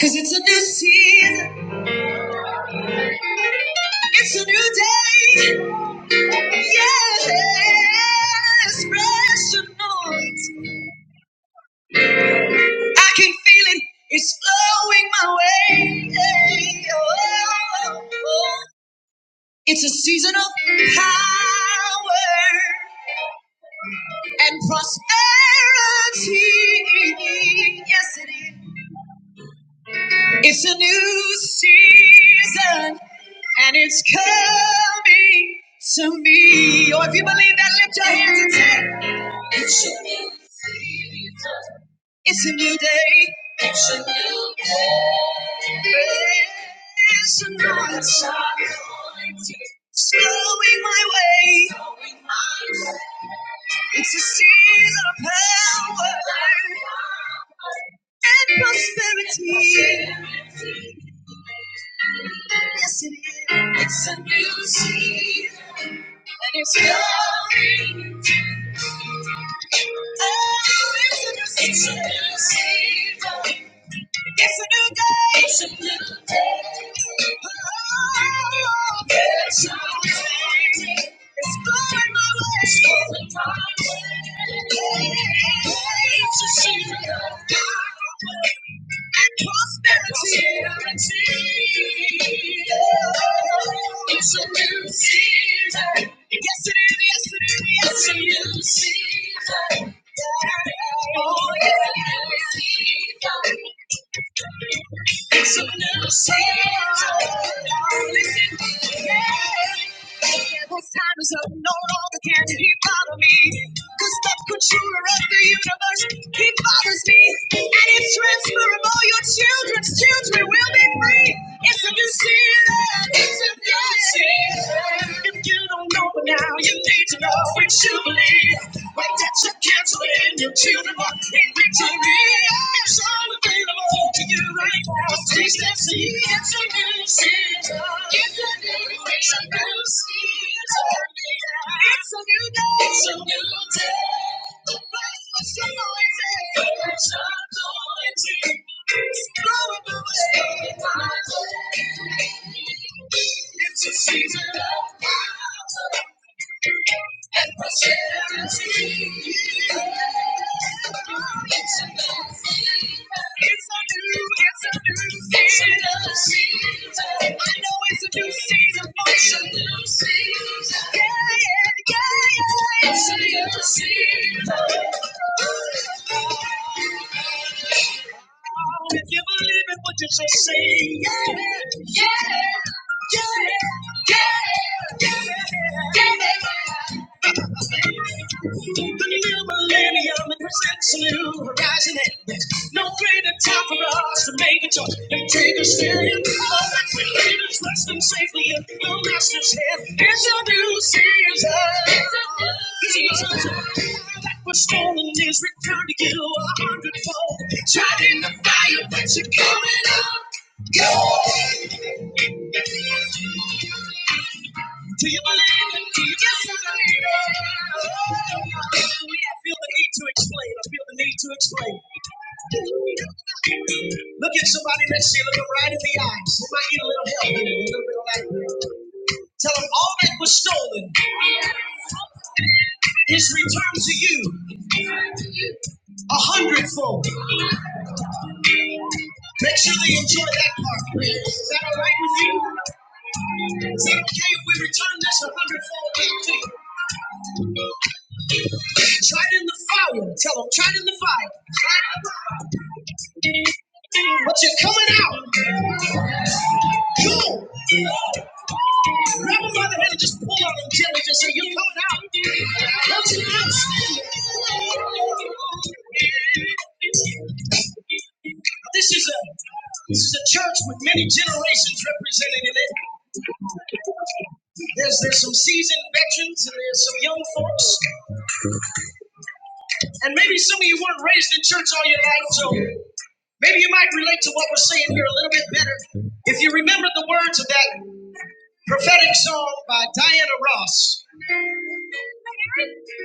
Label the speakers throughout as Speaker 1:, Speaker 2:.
Speaker 1: Cause it's a new season. It's a new day. Yes, fresh anointing. I can feel it. It's flowing my way. Oh, oh. It's a season of power and prosperity. Yes, it is. It's a new season and it's coming to me. Or if you believe that, lift your hands and say, It's a new season. It's a new day. It's a new day. It's a new day. It's Snowing my way. my way. It's a season of power and prosperity. Yes, it is. It's a new season and it's coming. It's a new season. It's a new day. It's a new day. Oh, it's a new day. It's going my way. It's going my way. It's a season of God and prosperity. It's a new season. Yes, it is. Yes, it is. It's a new season. Oh, yeah. It's a new season. Listen, yeah, this time is up. no longer can he bother me. Cause the controller of the universe, he bothers me. And it's transferable, your children's children will be free. It's a new season, it's a new season. If you don't know it now, you need to know it you believe. Wait that you're canceling, your children walk in victory. It's all available to you right now. Please let's see. It's a new season. It's a new day. It's a new day. It's a season of power and prosperity. It's a new season. It's a new, it's a new season. I know it's a new season function. Yeah, yeah, yeah, yeah. It's a new season. Oh, If you believe it, would you just say, yeah, yeah, yeah, yeah, yeah, yeah. The new millennium presents new horizon. No no greater time for us to make a choice and take a stand. All that we need is resting safely in the Master's hand. It's a new season. It's a new season. That was stolen is returned to you a hundredfold. Tried in the fire, but you're coming up. Go! Do you believe it? Do you just believe it? Hallelujah. I feel the need to explain. I feel the need to explain. Look at somebody next to you. Look them right in the eyes. They might need a little help here, a little bit of light here. Tell them all that was stolen is returned to you a hundredfold. Make sure they enjoy that part. Is that all right with you? Is that okay if we return this a hundredfold back to you? Tried in the fire. Tell them, tried in the fire. But you're coming out. Cool. Grab them by the hand and just pull on them gently. Just say, you're coming out. Don't you not This is a this is a church with many generations represented in it. There's there's some seasoned veterans and there's some young folks. And maybe some of you weren't raised in church all your life, so maybe you might relate to what we're saying here a little bit better. If you remember the words of that prophetic song by Diana Ross,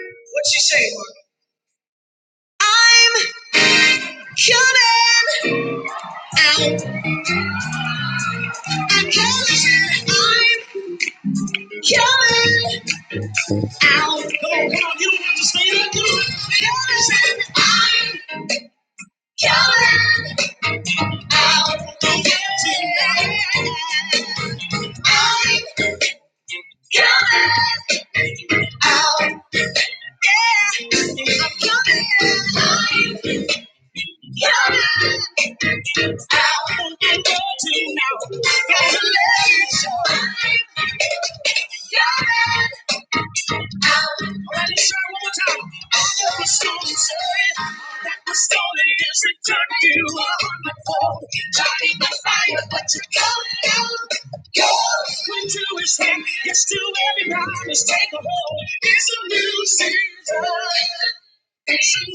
Speaker 1: what'd she say, Mark? I'm coming out. I'm coming. I'm coming out. Come on, come on. You don't have to stay there. Come on. I'm coming out. Don't get too mad. I'm coming. out. out. yeah, I'm coming, coming coming coming out. out. out. you you you're let go. one more time. All the stolen time, that was stolen, stolen is returned to the phone, trying to fire, but you're coming out. Go into his hand, It's to every promise, take a hold. It's a new season. It's a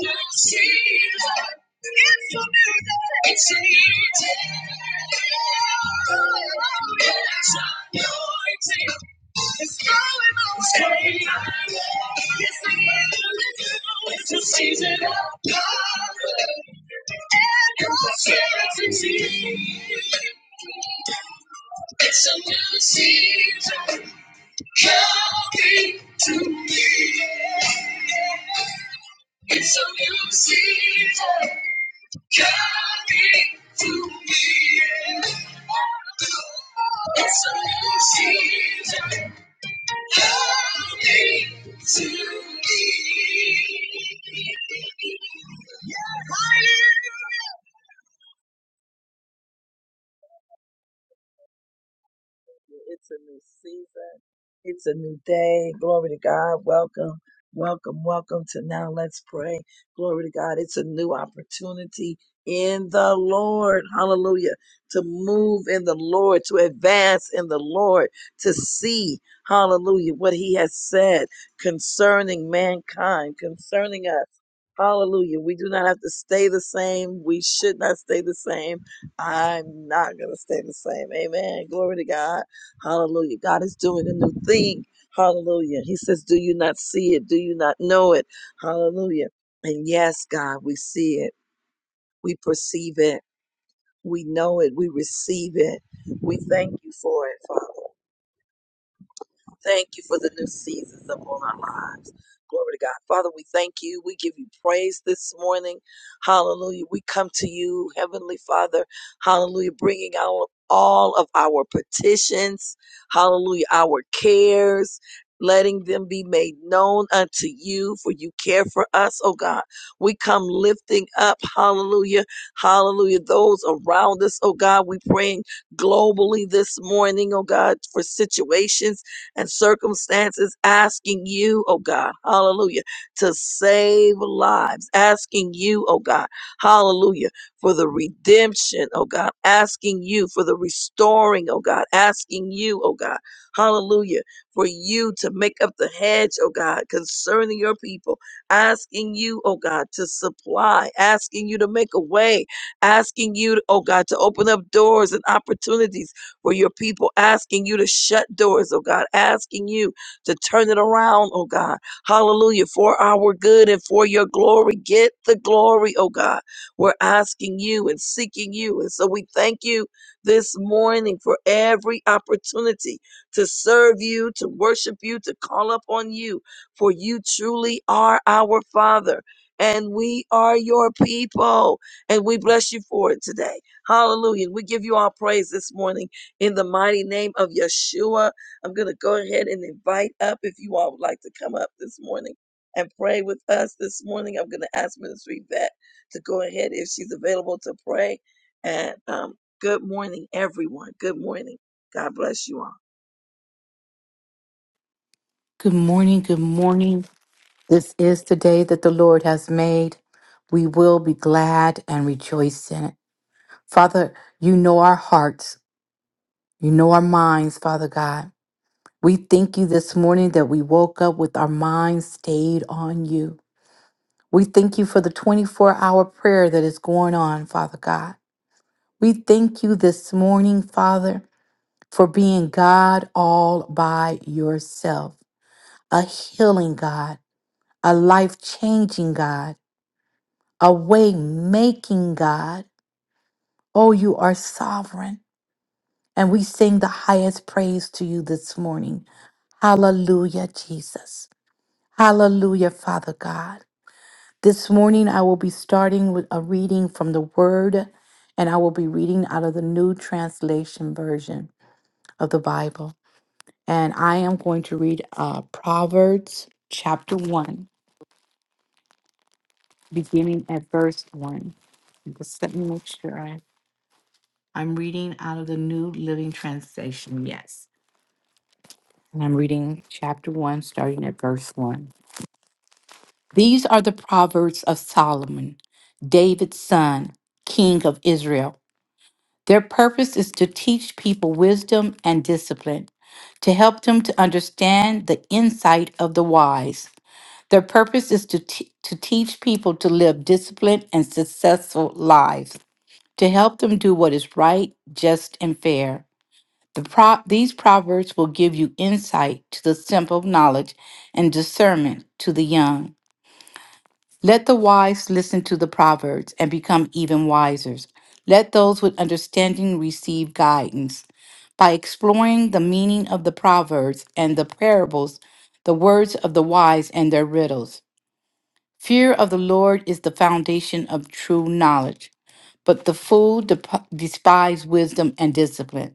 Speaker 1: new season. Counting to me. It's a new season coming to me. It's a new season coming to me. Hallelujah.
Speaker 2: Good morning. Good morning. This is the day that the Lord has made. We will be glad and rejoice in it. Father, you know our hearts. You know our minds, Father God. We thank you this morning that we woke up with our minds stayed on you. We thank you for the 24 hour prayer that is going on, Father God. We thank you this morning, Father, for being God all by yourself, a healing God, a life changing God a way making God. Oh, you are sovereign. And we sing the highest praise to you this morning. Hallelujah, Jesus. Hallelujah, Father God. This morning, I will be starting with a reading from the Word, and I will be reading out of the New Translation Version of the Bible. And I am going to read uh, Proverbs chapter 1, beginning at verse 1. Just let me make sure I I'm reading out of the New Living Translation, yes. And I'm reading chapter 1, starting at verse 1. These are the Proverbs of Solomon, David's son, king of Israel. Their purpose is to teach people wisdom and discipline, to help them to understand the insight of the wise. Their purpose is to, t- to teach people to live disciplined and successful lives, to help them do what is right, just, and fair. The pro- these proverbs will give you insight to the simple knowledge and discernment to the young. Let the wise listen to the proverbs and become even wiser. Let those with understanding receive guidance. By exploring the meaning of the proverbs and the parables, the words of the wise and their riddles. Fear of the Lord is the foundation of true knowledge, but the fool dep- despise wisdom and discipline.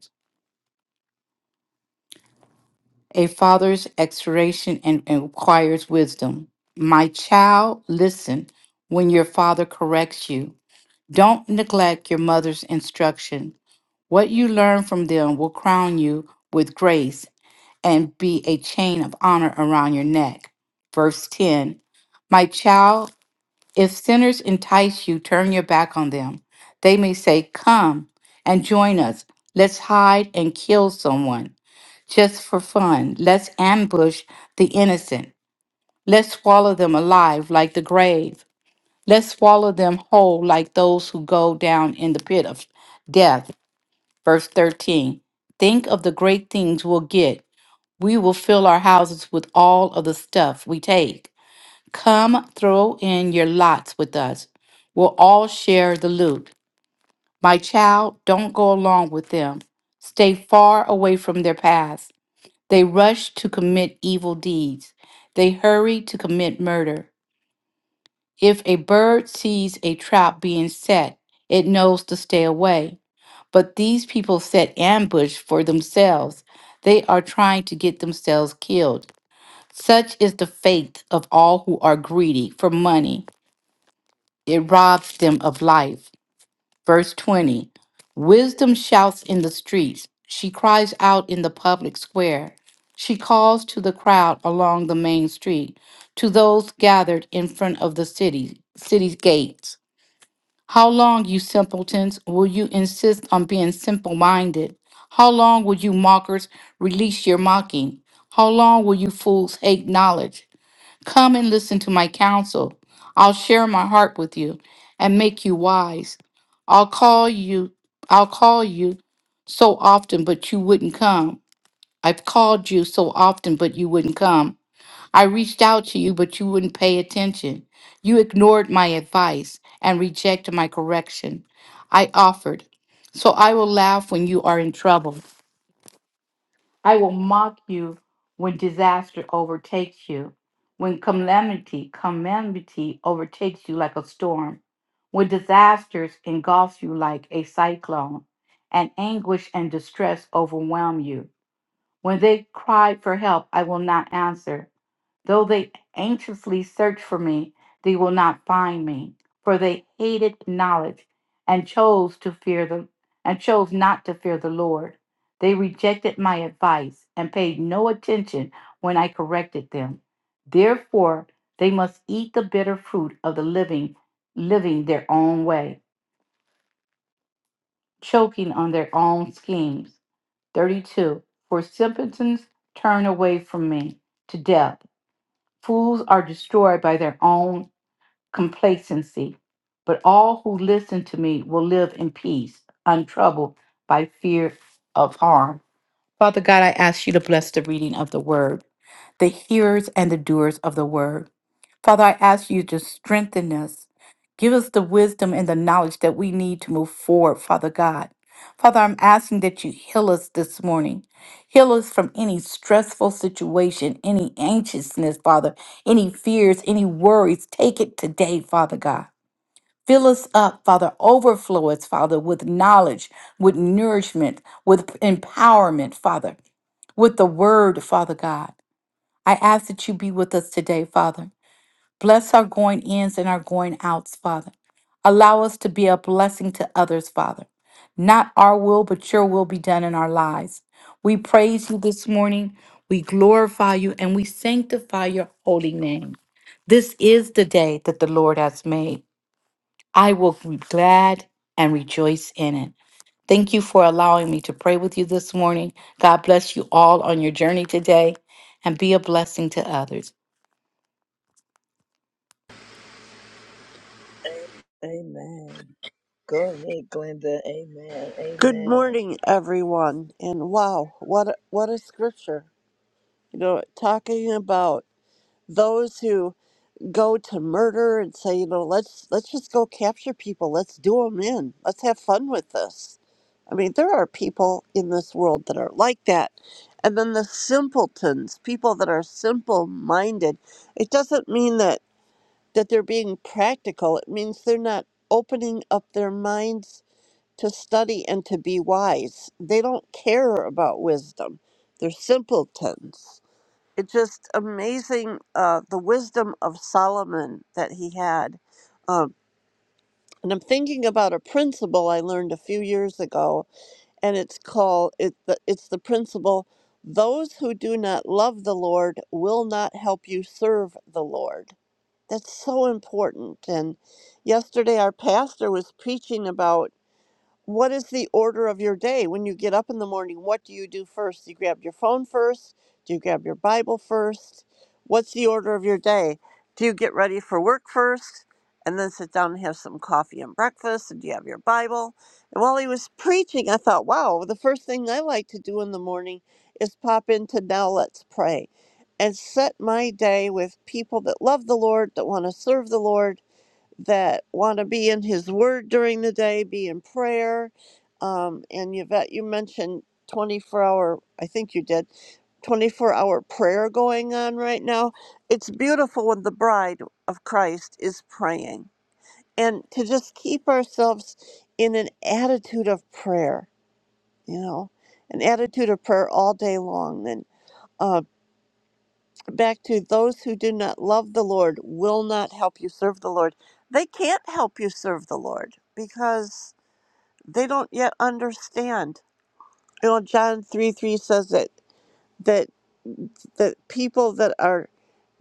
Speaker 2: A father's exhortation and requires wisdom. My child, listen when your father corrects you. Don't neglect your mother's instruction. What you learn from them will crown you with grace and be a chain of honor around your neck. Verse 10 My child, if sinners entice you, turn your back on them. They may say, Come and join us. Let's hide and kill someone just for fun. Let's ambush the innocent. Let's swallow them alive like the grave. Let's swallow them whole like those who go down in the pit of death. Verse 13 Think of the great things we'll get. We will fill our houses with all of the stuff we take. Come throw in your lots with us. We'll all share the loot. My child, don't go along with them. Stay far away from their paths. They rush to commit evil deeds. They hurry to commit murder. If a bird sees a trap being set, it knows to stay away. But these people set ambush for themselves. They are trying to get themselves killed. Such is the fate of all who are greedy for money. It robs them of life. Verse 20 Wisdom shouts in the streets, she cries out in the public square. She calls to the crowd along the main street, to those gathered in front of the city, city's gates. How long, you simpletons, will you insist on being simple minded? How long will you mockers release your mocking? How long will you fools hate knowledge? Come and listen to my counsel. I'll share my heart with you and make you wise. I'll call you, I'll call you so often, but you wouldn't come. I've called you so often, but you wouldn't come. I reached out to you, but you wouldn't pay attention. You ignored my advice and rejected my correction. I offered, so I will laugh when you are in trouble. I will mock you when disaster overtakes you, when calamity, calamity overtakes you like a storm, when disasters engulf you like a cyclone, and anguish and distress overwhelm you. When they cry for help, I will not answer. Though they anxiously search for me, they will not find me, for they hated knowledge and chose to fear the and chose not to fear the Lord. They rejected my advice and paid no attention when I corrected them. Therefore, they must eat the bitter fruit of the living, living their own way, choking on their own schemes. 32. For simpletons turn away from me to death. Fools are destroyed by their own complacency, but all who listen to me will live in peace, untroubled by fear of harm. Father God, I ask you to bless the reading of the word, the hearers and the doers of the word. Father, I ask you to strengthen us. Give us the wisdom and the knowledge that we need to move forward, Father God. Father, I'm asking that you heal us this morning. Heal us from any stressful situation, any anxiousness, Father, any fears, any worries. Take it today, Father God. Fill us up, Father. Overflow us, Father, with knowledge, with nourishment, with empowerment, Father with the word, Father God. I ask that you be with us today, Father. Bless our going ins and our going outs, Father. Allow us to be a blessing to others, Father. Not our will, but your will be done in our lives. We praise you this morning. We glorify you and we sanctify your holy name. This is the day that the Lord has made. I will be glad and rejoice in it. Thank you for allowing me to pray with you this morning. God bless you all on your journey today and be a blessing to others.
Speaker 3: Good morning, everyone. And wow, what a, what a scripture! You know, talking about those who go to murder and say, you know, let's let's just go capture people. Let's do them in. Let's have fun with this. I mean, there are people in this world that are like that. And then the simpletons, people that are simple-minded. It doesn't mean that that they're being practical. It means they're not opening up their minds to study and to be wise. They don't care about wisdom. They're simpletons. It's just amazing uh, the wisdom of Solomon that he had. Um, and I'm thinking about a principle I learned a few years ago, and it's called it, the- it's the principle those who do not love the Lord will not help you serve the Lord. That's so important. And yesterday, our pastor was preaching about what is the order of your day when you get up in the morning what do you do first do you grab your phone first do you grab your bible first what's the order of your day do you get ready for work first and then sit down and have some coffee and breakfast and do you have your bible and while he was preaching i thought wow the first thing i like to do in the morning is pop into now let's pray and set my day with people that love the lord that want to serve the lord that want to be in His Word during the day, be in prayer. Um, and Yvette, you mentioned 24 hour, I think you did, 24 hour prayer going on right now. It's beautiful when the bride of Christ is praying and to just keep ourselves in an attitude of prayer, you know, an attitude of prayer all day long. And back to those who do not love the Lord will not help you serve the Lord. They can't help you serve the Lord because they don't yet understand. You know, John three three says that that that people that are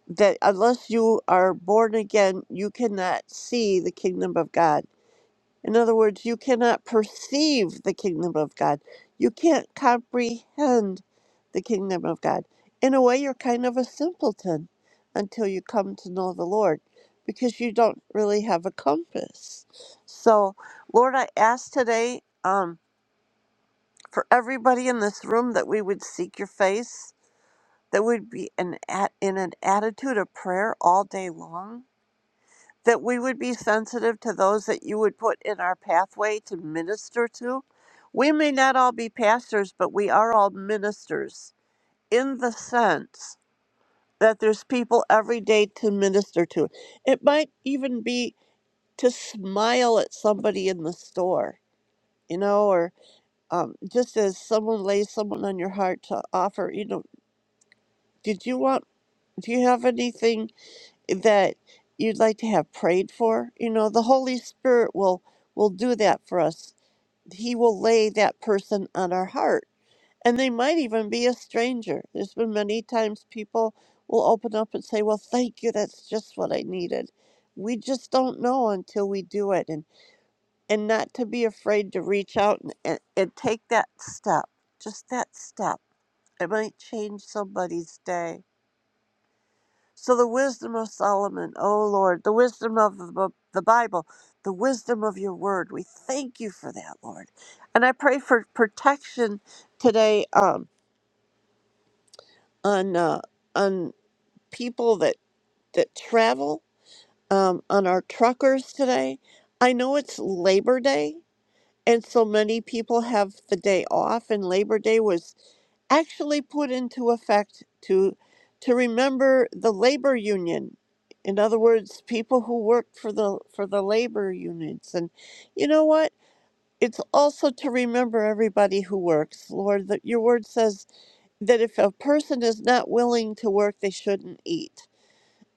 Speaker 3: that unless you are born again, you cannot see the kingdom of God. In other words, you cannot perceive the kingdom of God. You can't comprehend the kingdom of God. In a way, you're kind of a simpleton until you come to know the Lord because you don't really have a compass. So, Lord, I ask today um, for everybody in this room that we would seek your face, that we'd be an, at, in an attitude of prayer all day long that we would be sensitive to those that you would put in our pathway to minister to. We may not all be pastors, but we are all ministers in the sense that there's people every day to minister to. It might even be to smile at somebody in the store, you know, or um, just as someone lays someone on your heart to offer, you know, did you want, do you have anything? that you'd like to have prayed for you know the holy spirit will will do that for us he will lay that person on our heart and they might even be a stranger there's been many times people will open up and say well thank you that's just what i needed we just don't know until we do it and and not to be afraid to reach out and, and, and take that step just that step it might change somebody's day so the wisdom of Solomon, O Lord, the wisdom of the the Bible, the wisdom of your word, we thank you for that, Lord. And I pray for protection today um, on uh, on people that that travel, um, on our truckers today. I know it's Labor Day, and so many people have the day off, and Labor Day was actually put into effect to to remember the labor union in other words people who worked for the for the labor unions and you know what it's also to remember everybody who works lord that your word says that if a person is not willing to work they shouldn't eat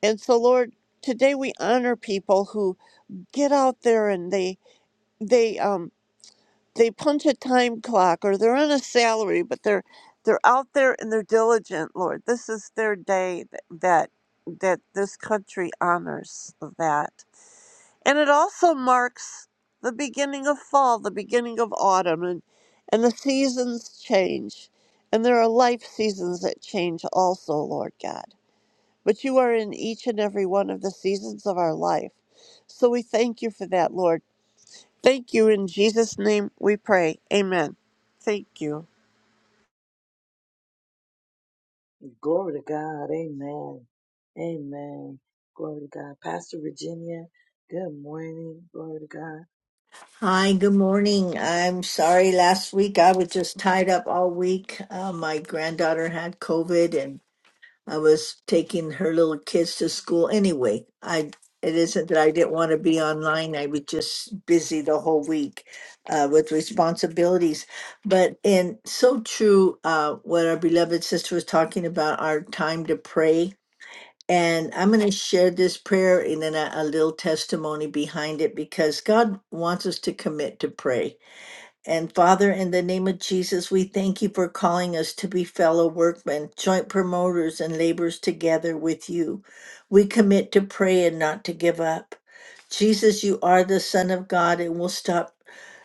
Speaker 3: and so lord today we honor people who get out there and they they um they punch a time clock or they're on a salary, but they're they're out there and they're diligent, Lord. This is their day th- that that this country honors that. And it also marks the beginning of fall, the beginning of autumn and and the seasons change. And there are life seasons that change also, Lord God. But you are in each and every one of the seasons of our life. So we thank you for that, Lord Thank you. In Jesus' name we pray. Amen. Thank you.
Speaker 4: Hi, good morning. I'm sorry last week I was just tied up all week. Uh, my granddaughter had COVID and I was taking her little kids to school anyway. I it isn't that I didn't want to be online. I was just busy the whole week uh, with responsibilities. But and so true uh, what our beloved sister was talking about our time to pray and I'm going to share this prayer and then a, a little testimony behind it because God wants us to commit to pray. And Father, in the name of Jesus, we thank you for calling us to be fellow workmen, joint promoters, and laborers together with you. We commit to pray and not to give up. Jesus, you are the Son of God, and we'll stop,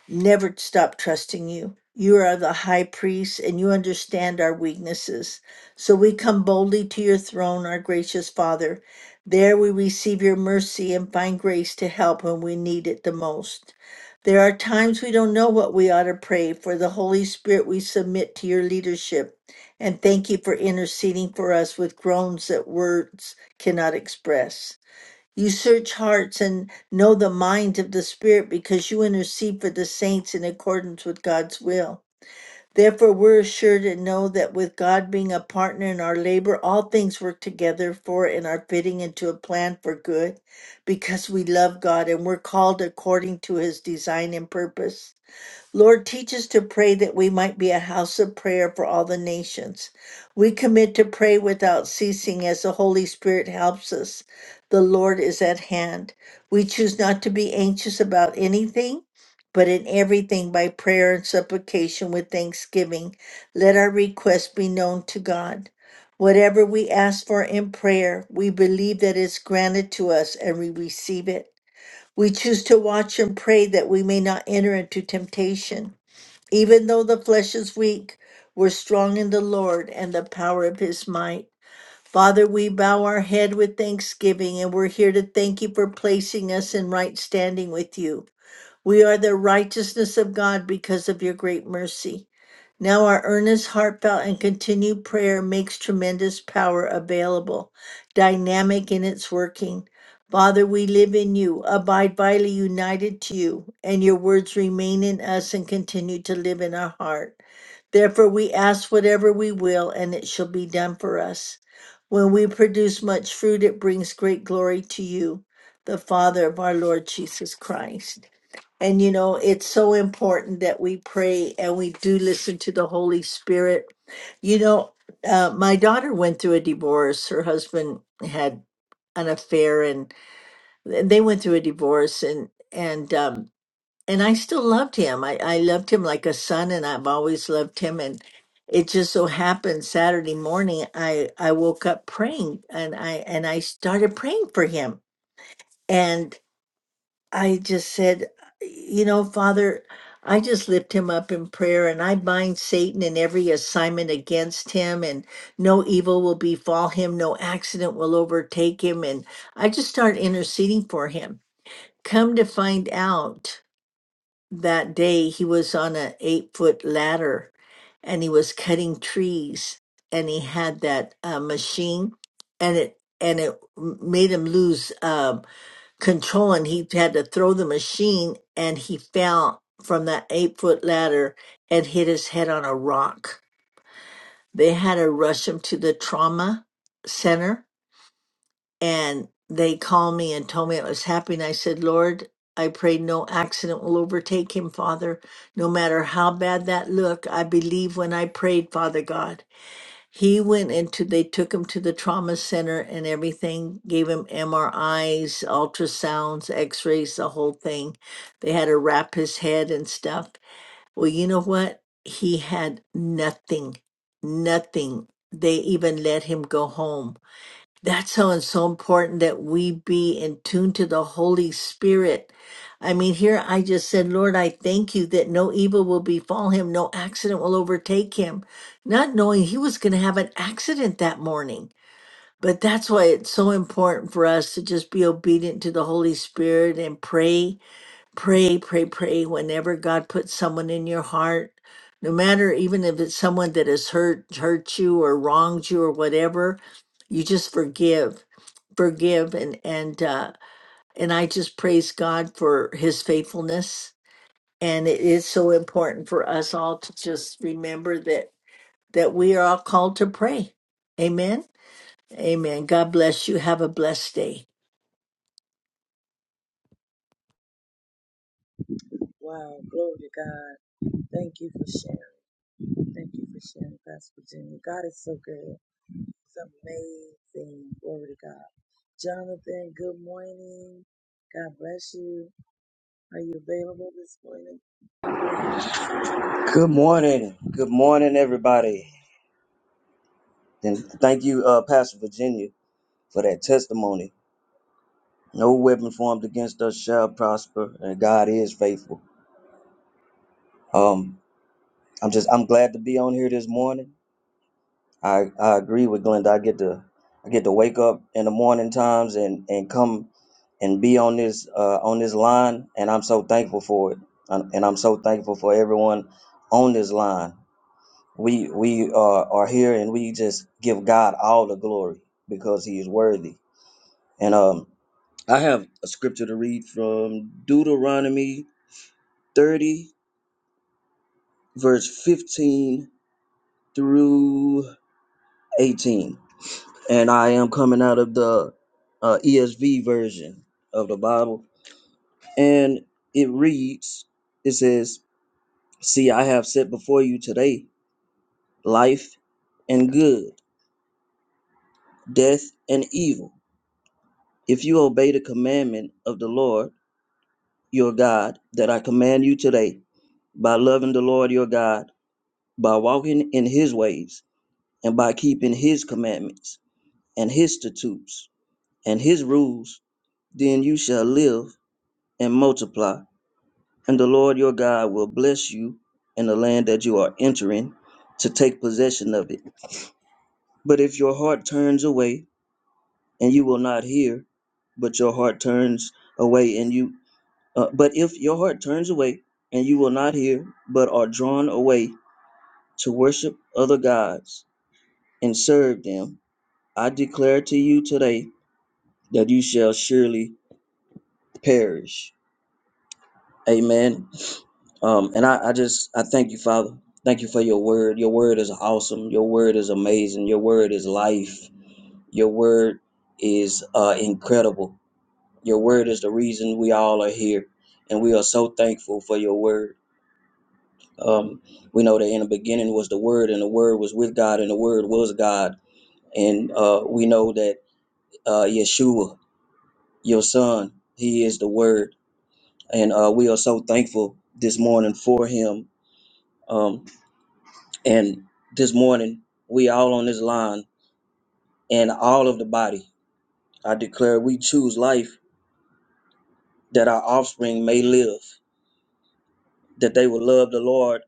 Speaker 4: never stop trusting you. You are the high priest, and you understand our weaknesses. So we come boldly to your throne, our gracious Father. There we receive your mercy and find grace to help when we need it the most. There are times we don't know what we ought to pray. For the Holy Spirit, we submit to your leadership and thank you for interceding for us with groans that words cannot express. You search hearts and know the mind of the Spirit because you intercede for the saints in accordance with God's will. Therefore, we're assured and know that with God being a partner in our labor, all things work together for and are fitting into a plan for good because we love God and we're called according to his design and purpose. Lord, teach us to pray that we might be a house of prayer for all the nations. We commit to pray without ceasing as the Holy Spirit helps us. The Lord is at hand. We choose not to be anxious about anything, but in everything by prayer and supplication with thanksgiving. Let our requests be known to God. Whatever we ask for in prayer, we believe that it's granted to us and we receive it. We choose to watch and pray that we may not enter into temptation. Even though the flesh is weak, we're strong in the Lord and the power of his might. Father, we bow our head with thanksgiving and we're here to thank you for placing us in right standing with you. We are the righteousness of God because of your great mercy. Now, our earnest, heartfelt, and continued prayer makes tremendous power available, dynamic in its working. Father, we live in you, abide vitally united to you, and your words remain in us and continue to live in our heart. Therefore, we ask whatever we will, and it shall be done for us. When we produce much fruit, it brings great glory to you, the Father of our Lord Jesus Christ. And you know, it's so important that we pray and we do listen to the Holy Spirit. You know, uh, my daughter went through a divorce. Her husband had an affair, and th- they went through a divorce. and and um, And I still loved him. I, I loved him like a son, and I've always loved him. And it just so happened Saturday morning, I I woke up praying, and I and I started praying for him. I just said, you know, Father, I just lift him up in prayer and I bind Satan and every assignment against him, and no evil will befall him, no accident will overtake him. And I just start interceding for him. Come to find out that day he was on an eight foot ladder and he was cutting trees and he had that uh, machine and it and it m- made him lose um control and he had to throw the machine and he fell from that eight foot ladder and hit his head on a rock. They had to rush him to the trauma center and they called me and told me it was happening. I said, Lord, I pray no accident will overtake him, Father, no matter how bad that look. I believe when I prayed, Father God. He went into, they took him to the trauma center and everything, gave him MRIs, ultrasounds, x rays, the whole thing. They had to wrap his head and stuff. Well, you know what? He had nothing, nothing. They even let him go home that's how it's so important that we be in tune to the Holy Spirit. I mean, here I just said, Lord, I thank you that no evil will befall him, no accident will overtake him, not knowing he was going to have an accident that morning. But that's why it's so important for us to just be obedient to the Holy Spirit and pray pray, pray, pray whenever God puts someone in your heart, no matter even if it's someone that has hurt hurt you or wronged you or whatever, you just forgive, forgive, and and uh, and I just praise God for His faithfulness. And it is so important for us all to just remember that that we are all called to pray. Amen. Amen. God bless you. Have a blessed day.
Speaker 5: Good morning. Good morning, everybody. And thank you, uh, Pastor Virginia, for that testimony. No weapon formed against us shall prosper, and God is faithful. Um, I'm just I'm glad to be on here this morning. I, I agree with Glenda. I get to I get to wake up in the morning times and and come and be on this uh, on this line, and I'm so thankful for it. And and I'm so thankful for everyone on this line We we uh, are here and we just give God all the glory because He is worthy. And um, I have a scripture to read from Deuteronomy 30, verse 15 through 18. And I am coming out of the uh, ESV version of the Bible. And it reads, it says, See, I have set before you today life and good, death and evil. If you obey the commandment of the Lord your God that I command you today, by loving the Lord your God, by walking in his ways, and by keeping his commandments, and his statutes, and his rules, then you shall live and multiply, and the Lord your God will bless you in the land that you are entering to take possession of it. But if your heart turns away, and you will not hear, but your heart turns away, and you Uh, but if your heart turns away and you will not hear, but are drawn away to worship other gods and serve them, I declare to you today that you shall surely perish. Amen. Um, and I, I just I thank you, Father. Thank you for your word. Your word is awesome. Your word is amazing. Your word is life. Your word is uh, incredible. Your word is the reason we all are here, and we are so thankful for your word. Um, we know that in the beginning was the Word, and the Word was with God, and the Word was God. And uh, we know that uh, Yeshua, your Son, He is the Word, and uh, we are so thankful this morning for Him. Um, and this morning, we all on this line, and all of the body. I declare we choose life that our offspring may live, that they will love the Lord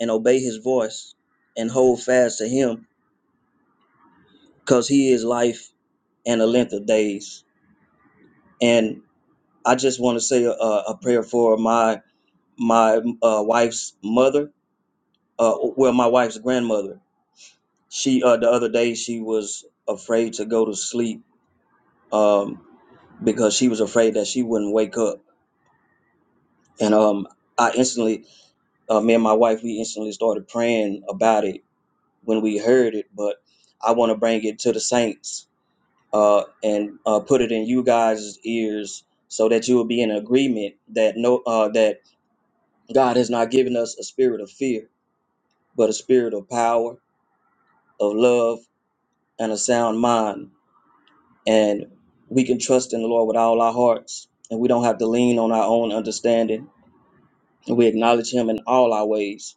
Speaker 5: and obey His voice, and hold fast to Him, because He is life and the length of days. and I just want to say a, a prayer for my my uh, wife's mother. Uh, well, my wife's grandmother. She uh, the other day she was afraid to go to sleep um, because she was afraid that she wouldn't wake up. And um, I instantly, uh, me and my wife, we instantly started praying about it when we heard it. But I want to bring it to the saints uh, and uh, put it in you guys' ears so that you will be in agreement that no uh, that God has not given us a spirit of fear, but a spirit of power, of love, and a sound mind. And we can trust in the Lord with all our hearts, and we don't have to lean on our own understanding. And we acknowledge Him in all our ways,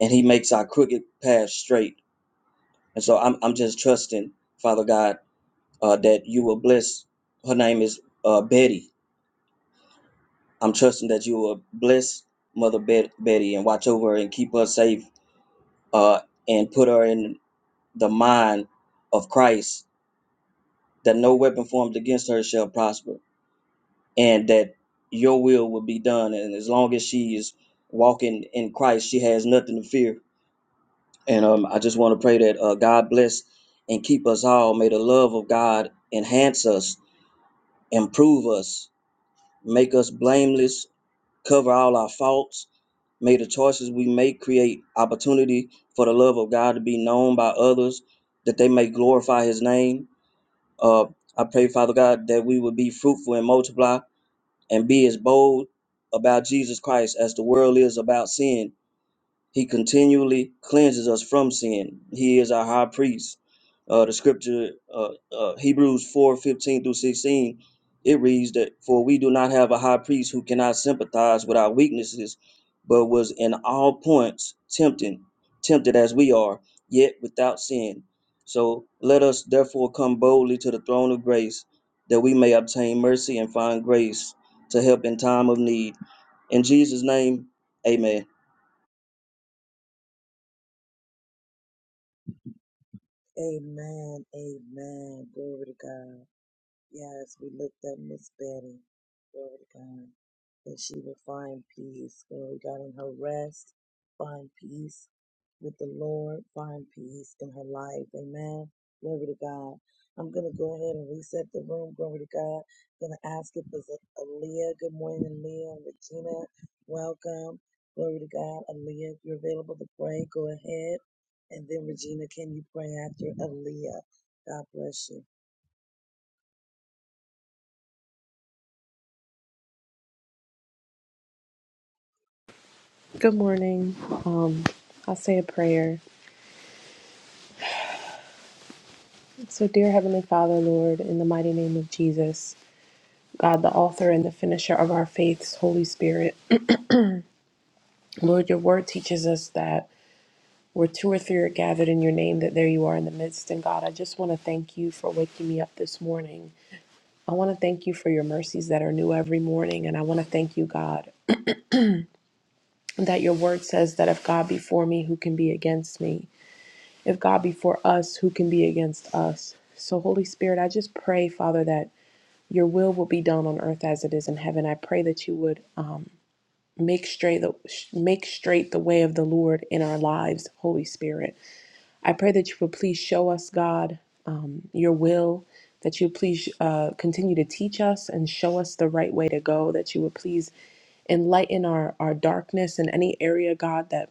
Speaker 5: and He makes our crooked path straight. And so I'm, I'm just trusting, Father God, uh, that you will bless. Her name is uh, Betty. I'm trusting that you will bless Mother Bet- Betty and watch over her and keep her safe uh, and put her in the mind of Christ, that no weapon formed against her shall prosper, and that your will will be done. And as long as she is walking in Christ, she has nothing to fear. And um, I just want to pray that uh, God bless and keep us all. May the love of God enhance us, improve us, make us blameless, cover all our faults. May the choices we make create opportunity for the love of God to be known by others, that they may glorify His name Uh, I pray, Father God, that we would be fruitful and multiply and be as bold about Jesus Christ as the world is about sin he continually cleanses us from sin. He is our high priest. Uh, the scripture, uh, uh, Hebrews 4:15 through 16, it reads that, For we do not have a high priest who cannot sympathize with our weaknesses, but was in all points tempted, tempted as we are, yet without sin. So let us therefore come boldly to the throne of grace that we may obtain mercy and find grace to help in time of need. In Jesus' name, amen.
Speaker 6: Good morning. Um, I'll say a prayer. So, dear Heavenly Father, Lord, in the mighty name of Jesus, God, the author and the finisher of our faiths, Holy Spirit, Lord, your word teaches us that where two or three are gathered in your name, that there you are in the midst. And God, I just want to thank you for waking me up this morning. I want to thank you for your mercies that are new every morning. And I want to thank you, God, that your word says that if God be for me, who can be against me? If God be for us, who can be against us? So, Holy Spirit, I just pray, Father, that your will will be done on earth as it is in heaven. I pray that you would um, make straight the make straight the way of the Lord in our lives, Holy Spirit. I pray that you would please show us, God, your will. That you please uh, continue to teach us and show us the right way to go. That you would please enlighten our, our darkness in any area, God, that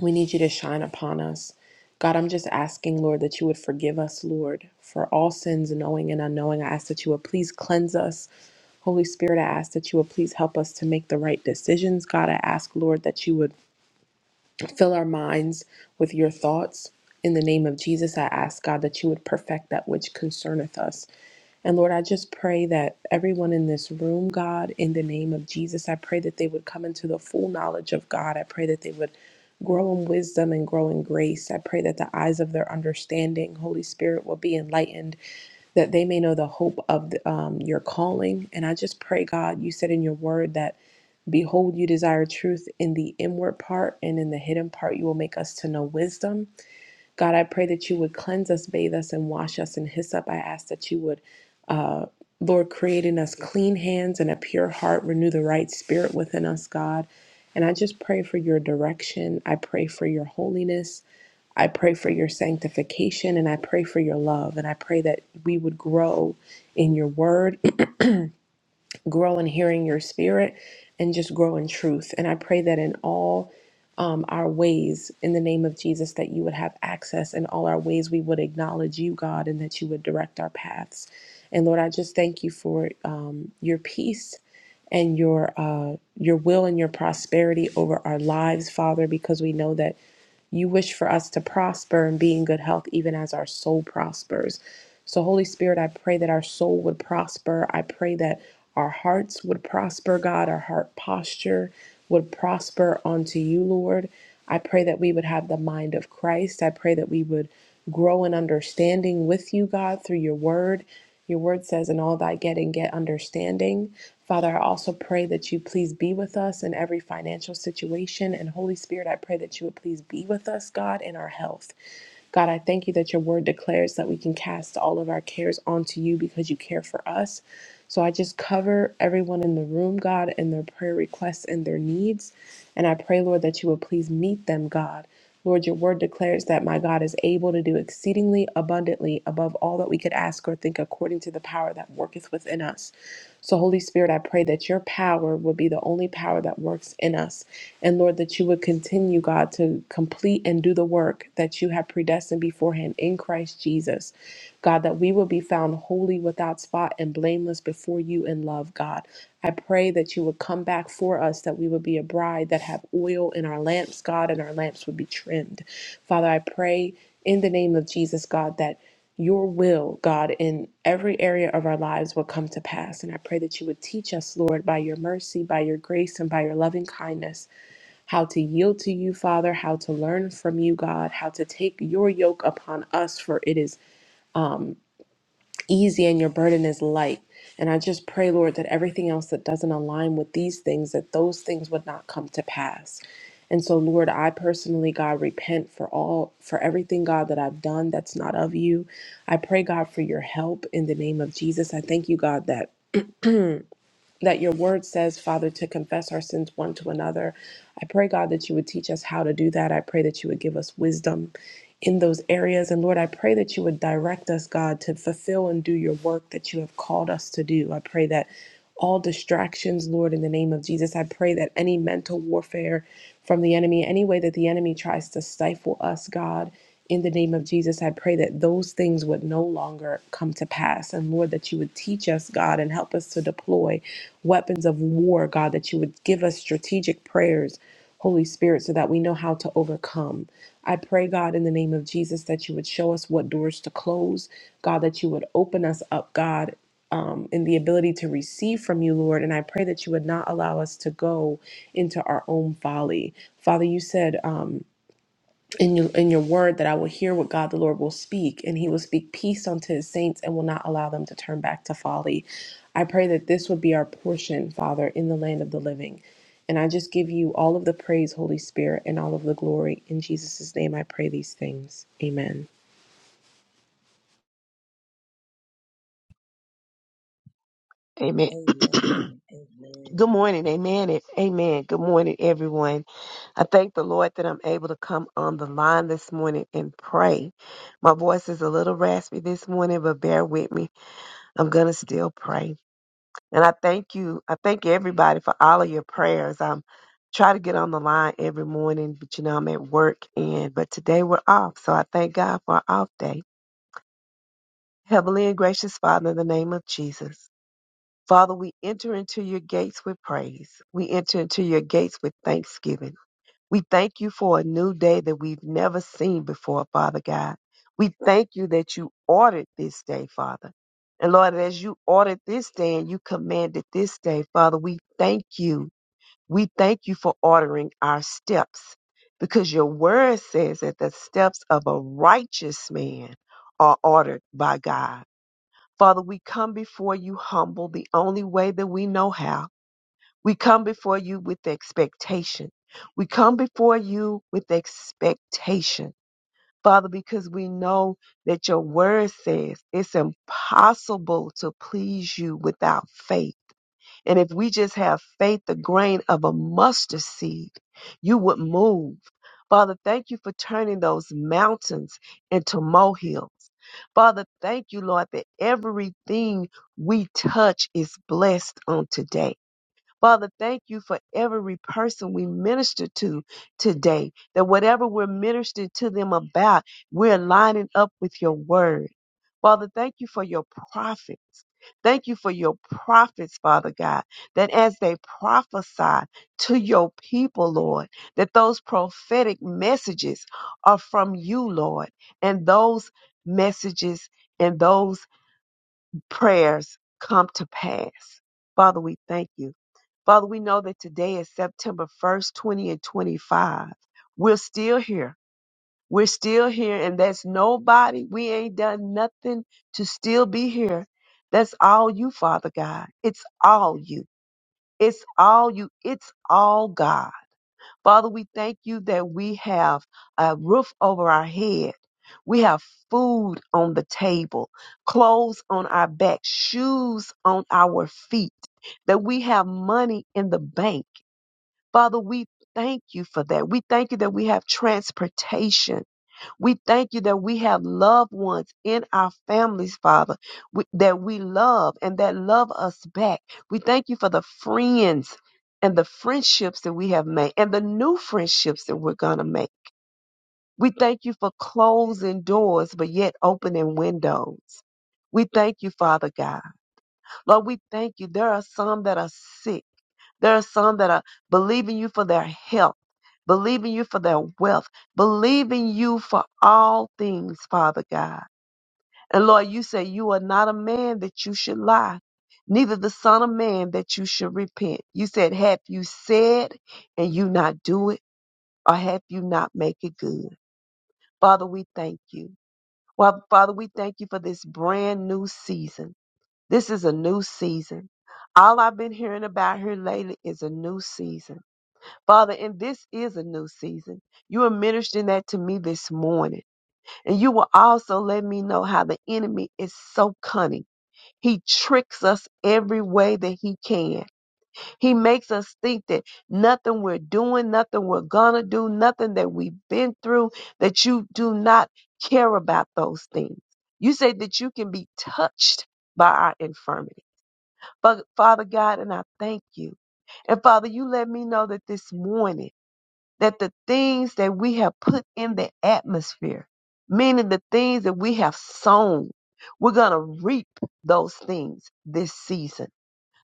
Speaker 6: we need you to shine upon us. God, I'm just asking, Lord, that you would forgive us, Lord, for all sins, knowing and unknowing. I ask that you would please cleanse us. Holy Spirit, I ask that you would please help us to make the right decisions. God, I ask, Lord, that you would fill our minds with your thoughts. In the name of Jesus, I ask, God, that you would perfect that which concerneth us. And Lord, I just pray that everyone in this room, God, in the name of Jesus, I pray that they would come into the full knowledge of God. I pray that they would grow in wisdom and grow in grace. I pray that the eyes of their understanding, Holy Spirit, will be enlightened, that they may know the hope of the, um, your calling. And I just pray, God, you said in your word that, behold, you desire truth in the inward part, and in the hidden part, you will make us to know wisdom. God, I pray that you would cleanse us, bathe us, and wash us in hyssop. I ask that you would, uh, Lord, create in us clean hands and a pure heart, renew the right spirit within us, God. And I just pray for your direction. I pray for your holiness. I pray for your sanctification and I pray for your love. And I pray that we would grow in your word grow in hearing your spirit and just grow in truth. And I pray that in all um, our ways, in the name of Jesus, that you would have access in all our ways. We would acknowledge you, God, and that you would direct our paths. And Lord, I just thank you for um, your peace and your uh, your will and your prosperity over our lives, Father, because we know that. You wish for us to prosper and be in good health, even as our soul prospers. So, Holy Spirit, I pray that our soul would prosper. I pray that our hearts would prosper, God. Our heart posture would prosper unto you, Lord. I pray that we would have the mind of Christ. I pray that we would grow in understanding with you, God, through your word. Your word says, In all thy getting, get understanding. Father, I also pray that you please be with us in every financial situation. And Holy Spirit, I pray that you would please be with us, God, in our health. God, I thank you that your word declares that we can cast all of our cares onto you because you care for us. So I just cover everyone in the room, God, and their prayer requests and their needs. And I pray, Lord, that you would please meet them, God. Lord, your word declares that my God is able to do exceedingly abundantly above all that we could ask or think according to the power that worketh within us. So, Holy Spirit, I pray that your power would be the only power that works in us. And Lord, that you would continue, God, to complete and do the work that you have predestined beforehand in Christ Jesus. God, that we will be found holy without spot and blameless before you in love, God. I pray that you would come back for us, that we would be a bride that have oil in our lamps, God, and our lamps would be trimmed. Father, I pray in the name of Jesus, God, that your will, God, in every area of our lives will come to pass. And I pray that you would teach us, Lord, by your mercy, by your grace, and by your loving kindness, how to yield to you, Father, how to learn from you, God, how to take your yoke upon us, for it is. um easy and your burden is light. And I just pray, Lord, that everything else that doesn't align with these things, that those things would not come to pass. And so, Lord, I personally, God, repent for all, for everything, God, that I've done that's not of you. I pray, God, for your help in the name of Jesus. I thank you, God, that. That your word says, Father, to confess our sins one to another. I pray, God, that you would teach us how to do that. I pray that you would give us wisdom in those areas. And Lord, I pray that you would direct us, God, to fulfill and do your work that you have called us to do. I pray that all distractions, Lord, in the name of Jesus, I pray that any mental warfare from the enemy, any way that the enemy tries to stifle us, God, in the name of Jesus, I pray that those things would no longer come to pass. And Lord, that you would teach us, God, and help us to deploy weapons of war, God, that you would give us strategic prayers. Holy Spirit, so that we know how to overcome. I pray, God, in the name of Jesus, that you would show us what doors to close, God, that you would open us up, God. Um, in the ability to receive from you, Lord. And I pray that you would not allow us to go into our own folly. Father, you said, um, in your, in your word that I will hear what God the Lord will speak, and he will speak peace unto his saints and will not allow them to turn back to folly. I pray that this would be our portion, Father, in the land of the living. And I just give you all of the praise, Holy Spirit, and all of the glory. In Jesus' name, I pray these things. Amen.
Speaker 7: Amen. Good morning. Amen. and Amen. Good morning, everyone. I thank the Lord that I'm able to come on the line this morning and pray. My voice is a little raspy this morning, but bear with me. I'm going to still pray. And I thank you. I thank everybody for all of your prayers. I'm try to get on the line every morning, but you know, I'm at work and but today we're off. So I thank God for our off day. Heavenly and gracious Father, in the name of Jesus. Father, we enter into your gates with praise. We enter into your gates with thanksgiving. We thank you for a new day that we've never seen before, Father God. We thank you that you ordered this day, Father. And Lord, as you ordered this day and you commanded this day, Father, we thank you. We thank you for ordering our steps because your word says that the steps of a righteous man are ordered by God. Father, we come before you humble the only way that we know how. We come before you with expectation. We come before you with expectation. Father, because we know that your word says it's impossible to please you without faith. And if we just have faith, the grain of a mustard seed, you would move. Father, thank you for turning those mountains into molehills. Father, thank you, Lord, that everything we touch is blessed on today. Father, thank you for every person we minister to today, that whatever we're ministering to them about, we're lining up with your word. Father, thank you for your prophets. Thank you for your prophets, Father God, that as they prophesy to your people, Lord, that those prophetic messages are from you, Lord, and those messages and those prayers come to pass. Father, we thank you. Father, we know that today is September 1st, 20 and 25. We're still here. We're still here, and that's nobody. We ain't done nothing to still be here. That's all you, Father God. It's all you. It's all you. It's all God. Father, we thank you that we have a roof over our head. We have food on the table, clothes on our back, shoes on our feet, that we have money in the bank. Father, we thank you for that. We thank you that we have transportation. We thank you that we have loved ones in our families, Father, we, that we love and that love us back. We thank you for the friends and the friendships that we have made and the new friendships that we're going to make. We thank you for closing doors, but yet opening windows. We thank you, Father God. Lord, we thank you. There are some that are sick. There are some that are believing you for their health, believing you for their wealth, believing you for all things, Father God. And Lord, you say you are not a man that you should lie, neither the son of man that you should repent. You said, have you said and you not do it, or have you not make it good? Father, we thank you. Well, Father, we thank you for this brand new season. This is a new season. All I've been hearing about here lately is a new season Father, and this is a new season. You are ministering that to me this morning. And you will also let me know how the enemy is so cunning. He tricks us every way that he can. He makes us think that nothing we're doing, nothing we're gonna do, nothing that we've been through, that you do not care about those things. You say that you can be touched by our infirmity. but Father God, and I thank you. And Father, you let me know that this morning that the things that we have put in the atmosphere, meaning the things that we have sown, we're going to reap those things this season.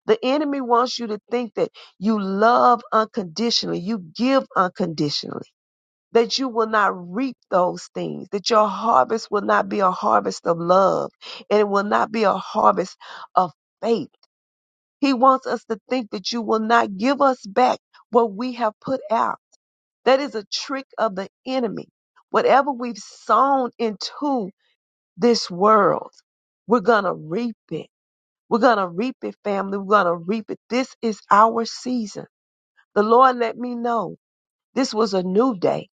Speaker 7: The enemy wants you to think that you love unconditionally, you give unconditionally, that you will not reap those things, that your harvest will not be a harvest of love, and it will not be a harvest of faith. He wants us to think that you will not give us back what we have put out that is a trick of the enemy. Whatever we've sown into this world, we're going to reap it. We're going to reap it, family. We're going to reap it. This is our season. The Lord let me know this was a new day.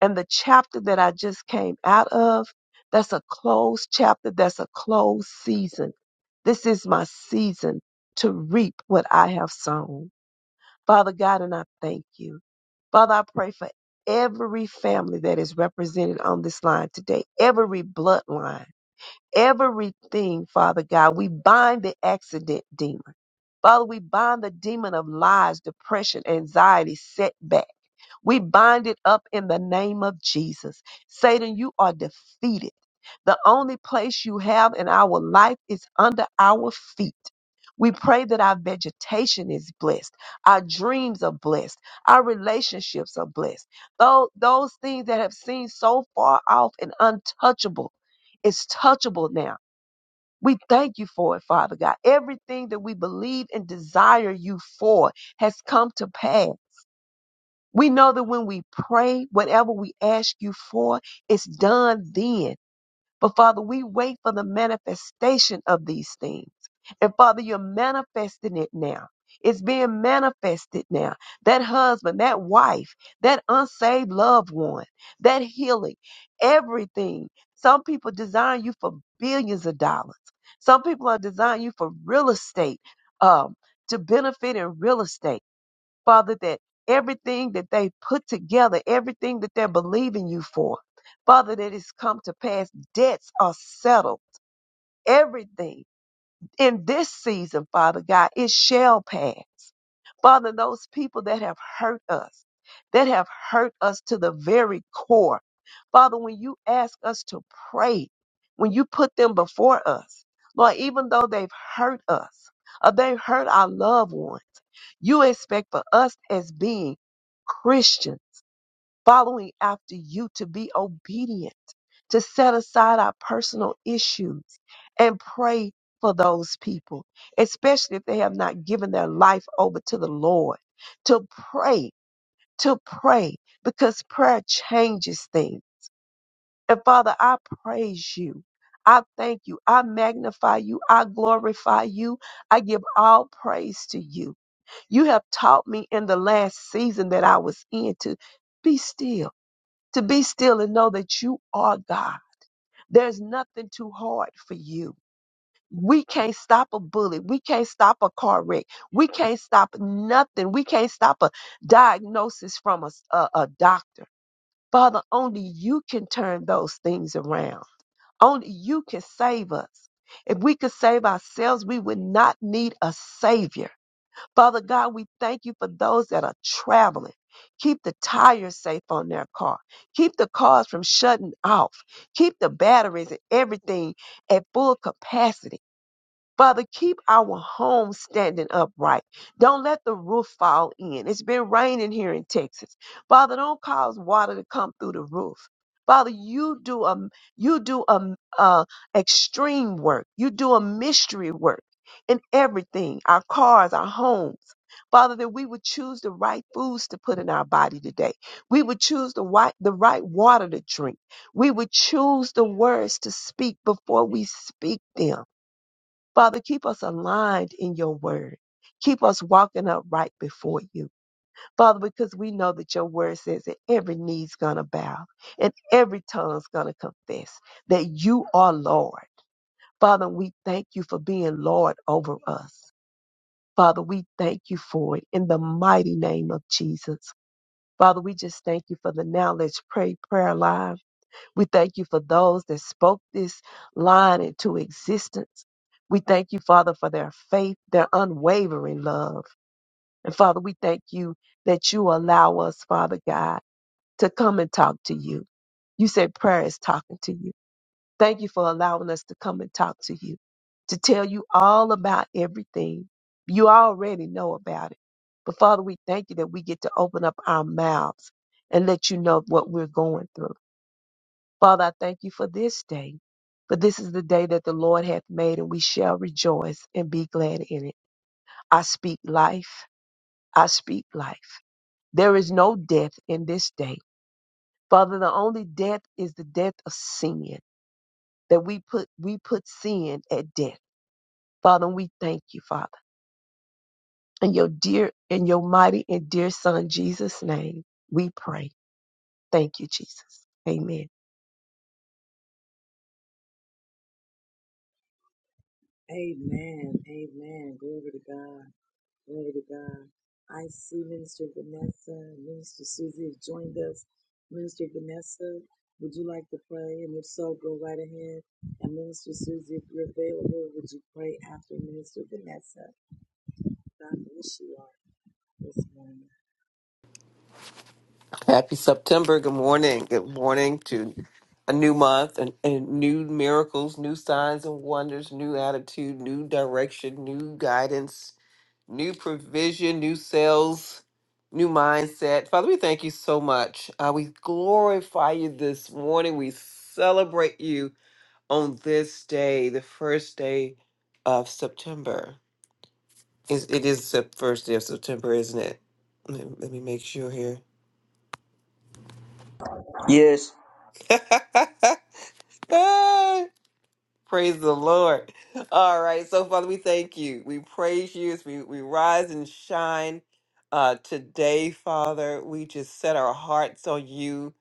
Speaker 7: And the chapter that I just came out of, that's a closed chapter. That's a closed season. This is my season to reap what I have sown. Father God, and I thank you. Father, I pray for every family that is represented on this line today, every bloodline, everything, Father God. We bind the accident demon. Father, we bind the demon of lies, depression, anxiety, setback. We bind it up in the name of Jesus. Satan, you are defeated. The only place you have in our life is under our feet. We pray that our vegetation is blessed, our dreams are blessed, our relationships are blessed. Those, those things that have seemed so far off and untouchable is touchable now. We thank you for it, Father God. Everything that we believe and desire you for has come to pass. We know that when we pray, whatever we ask you for, it's done then. But Father, we wait for the manifestation of these things. And Father, you're manifesting it now. It's being manifested now. That husband, that wife, that unsaved loved one, that healing, everything. Some people design you for billions of dollars. Some people are designing you for real estate, um, to benefit in real estate. Father, that everything that they put together, everything that they're believing you for, Father, that it's come to pass, debts are settled. Everything in this season, Father God, it shall pass. Father, those people that have hurt us, that have hurt us to the very core. Father, when you ask us to pray, when you put them before us, Lord, even though they've hurt us or they've hurt our loved ones. You expect for us as being Christian, following after you to be obedient, to set aside our personal issues and pray for those people, especially if they have not given their life over to the Lord, to pray, to pray, because prayer changes things. And Father, I praise you. I thank you. I magnify you. I glorify you. I give all praise to you. You have taught me in the last season that I was in to be still, to be still and know that you are God. There's nothing too hard for you. We can't stop a bullet. We can't stop a car wreck. We can't stop nothing. We can't stop a diagnosis from a a a doctor. Father, only you can turn those things around. Only you can save us. If we could save ourselves, we would not need a savior. Father God, we thank you for those that are traveling. Keep the tires safe on their car. Keep the cars from shutting off. Keep the batteries and everything at full capacity. Father, keep our home standing upright. Don't let the roof fall in. It's been raining here in Texas. Father, don't cause water to come through the roof. Father, you do a you do a, a extreme work. You do a mystery work in everything, our cars, our homes. Father, that we would choose the right foods to put in our body today. We would choose the right, the right water to drink. We would choose the words to speak before we speak them. Father, keep us aligned in your word. Keep us walking upright before you. Father, because we know that your word says that every knee's going to bow and every tongue's going to confess that you are Lord. Father, we thank you for being Lord over us. Father, we thank you for it in the mighty name of Jesus. Father, we just thank you for the Now Let's Pray prayer line. We thank you for those that spoke this line into existence. We thank you, Father, for their faith, their unwavering love. And Father, we thank you that you allow us, Father God, to come and talk to you. You said prayer is talking to you. Thank you for allowing us to come and talk to you, to tell you all about everything. You already know about it. But Father, we thank you that we get to open up our mouths and let you know what we're going through. Father, I thank you for this day. For this is the day that the Lord hath made, and we shall rejoice and be glad in it. I speak life. I speak life. There is no death in this day. Father, the only death is the death of sin. That we put we put sin at death. Father, we thank you, Father. In your dear in your mighty and dear son Jesus' name, we pray. Thank you, Jesus. Amen.
Speaker 8: Happy September. Good morning. Good morning to a new month and, and new miracles, new signs and wonders, new attitude, new direction, new guidance, new provision, new sales, new mindset. Father, we thank you so much. Uh, we glorify you this morning. We celebrate you on this day, the first day of September. Is It is the first day of September, isn't it? Let let me make sure here.
Speaker 5: Yes,
Speaker 8: Ah, Praise the Lord. All right. So, Father, we thank you. We praise you as we, we rise and shine uh, today, Father. We just set our hearts on you.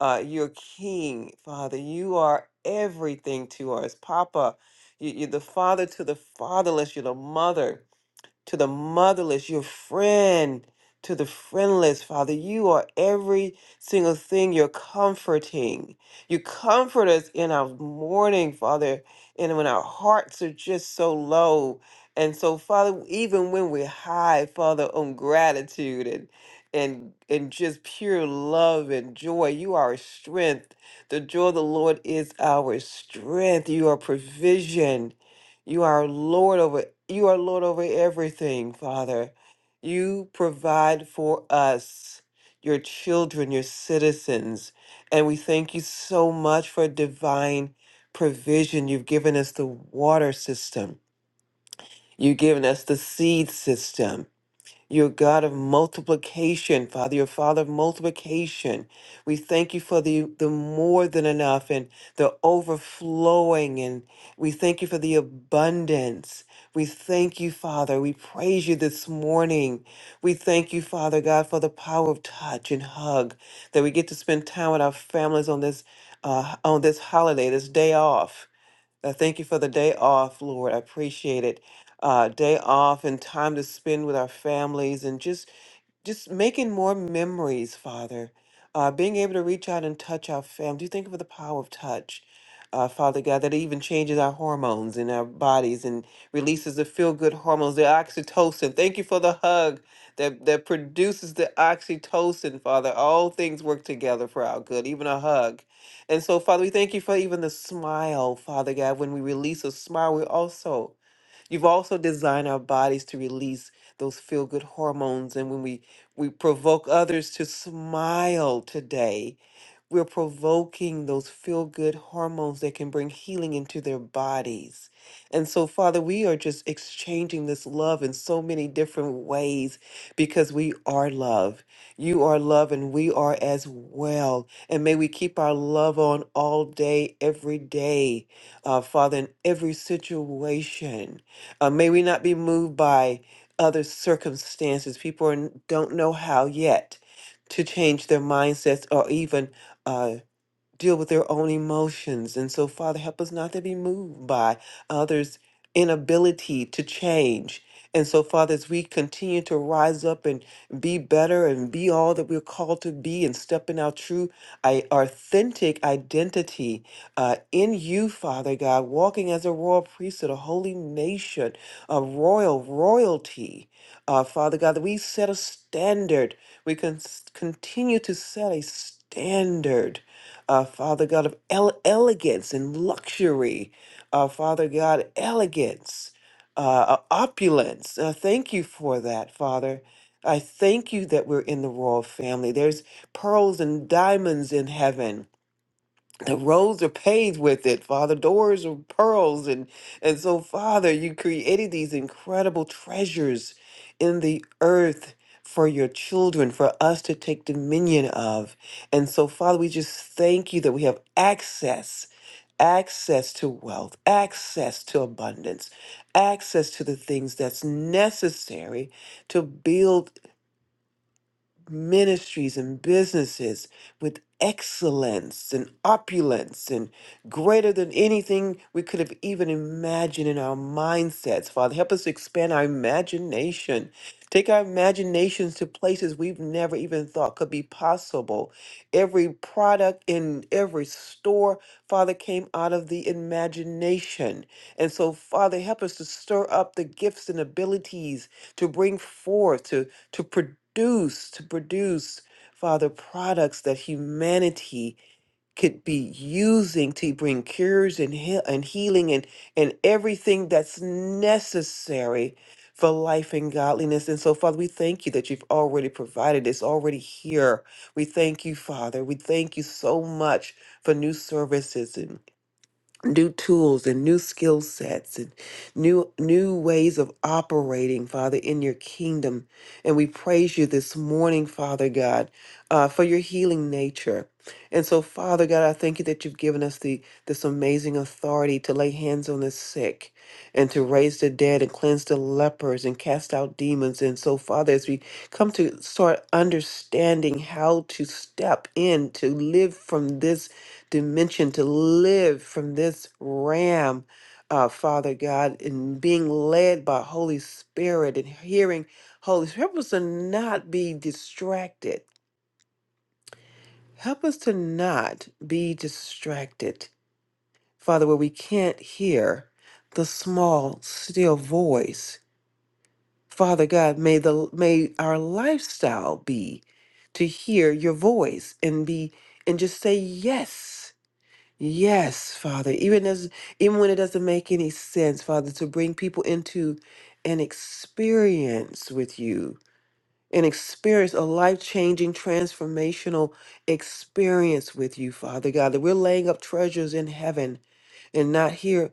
Speaker 8: Uh, you're King, Father. You are everything to us, Papa. You, you're the father to the fatherless. You're the mother to the motherless, your friend to the friendless, Father. You are every single thing you're comforting. You comfort us in our mourning, Father, and when our hearts are just so low. And so, Father, even when we're high, Father, on gratitude and and and just pure love and joy, you are our strength. The joy of the Lord is our strength. You are provision. You are Lord over you are Lord over everything, Father. You provide for us, your children, your citizens, and we thank you so much for divine provision. You've given us the water system. You've given us the seed system. You're a God of multiplication, Father. You're a Father of multiplication. We thank you for the, the more than enough and the overflowing, and we thank you for the abundance. We thank you, Father. We praise you this morning. We thank you, Father God, for the power of touch and hug that we get to spend time with our families on this uh, on this holiday, this day off. I thank you for the day off, Lord. I appreciate it. Uh, day off and time to spend with our families and just just making more memories, Father, uh, being able to reach out and touch our family. Do you think of the power of touch, uh, Father God, that it even changes our hormones in our bodies and releases the feel good hormones, the oxytocin? Thank you for the hug that, that produces the oxytocin, Father. All things work together for our good, even a hug. And so, Father, we thank you for even the smile, Father God. When we release a smile, we also You've also designed our bodies to release those feel good hormones. And when we, we provoke others to smile today, we're provoking those feel good hormones that can bring healing into their bodies. And so, Father, we are just exchanging this love in so many different ways because we are love. You are love, and we are as well. And may we keep our love on all day, every day, uh, Father, in every situation. Uh, may we not be moved by other circumstances. People are, don't know how yet to change their mindsets or even uh, deal with their own emotions. And so, Father, help us not to be moved by others' inability to change. And so, Father, as we continue to rise up and be better and be all that we're called to be and step in our true, I, authentic identity uh, in you, Father God, walking as a royal priesthood, a holy nation, a royal royalty, uh, Father God, that we set a standard. We can s- continue to set a standard uh, Father God, of ele- elegance and luxury, uh, Father God, elegance, uh, uh, opulence. Uh, thank you for that, Father. I thank you that we're in the royal family. There's pearls and diamonds in heaven the roads are paved with it, Father. Doors are pearls, and and so, Father, you created these incredible treasures in the earth for your children, for us to take dominion of. And so, Father, we just thank you that we have access, access to wealth, access to abundance, access to the things that's necessary to build ministries and businesses with excellence and opulence and greater than anything we could have even imagined in our mindsets. Father, help us to expand our imagination. Take our imaginations to places we've never even thought could be possible. Every product in every store, Father, came out of the imagination. And so, Father, help us to stir up the gifts and abilities to bring forth, to produce, to produce, Father, products that humanity could be using to bring cures and heal and healing and and everything that's necessary for life and godliness. And so, Father, we thank you that you've already provided. It's already here. We thank you, Father. We thank you so much for new services new tools and new skill sets and new new ways of operating father in your kingdom and we praise you this morning father god uh, for your healing nature and so father god i thank you that you've given us the this amazing authority to lay hands on the sick and to raise the dead and cleanse the lepers and cast out demons and so father as we come to start understanding how to step in to live from this dimension to live from this ram, uh, Father God, and being led by Holy Spirit and hearing Holy Spirit. Help us to not be distracted. Help us to not be distracted, Father, where we can't hear the small, still voice. Father God, may the may our lifestyle be to hear your voice and be and just say yes Yes, Father, even as even when it doesn't make any sense, Father, to bring people into an experience with you, an experience, a life-changing, transformational experience with you, Father God, that we're laying up treasures in heaven and not here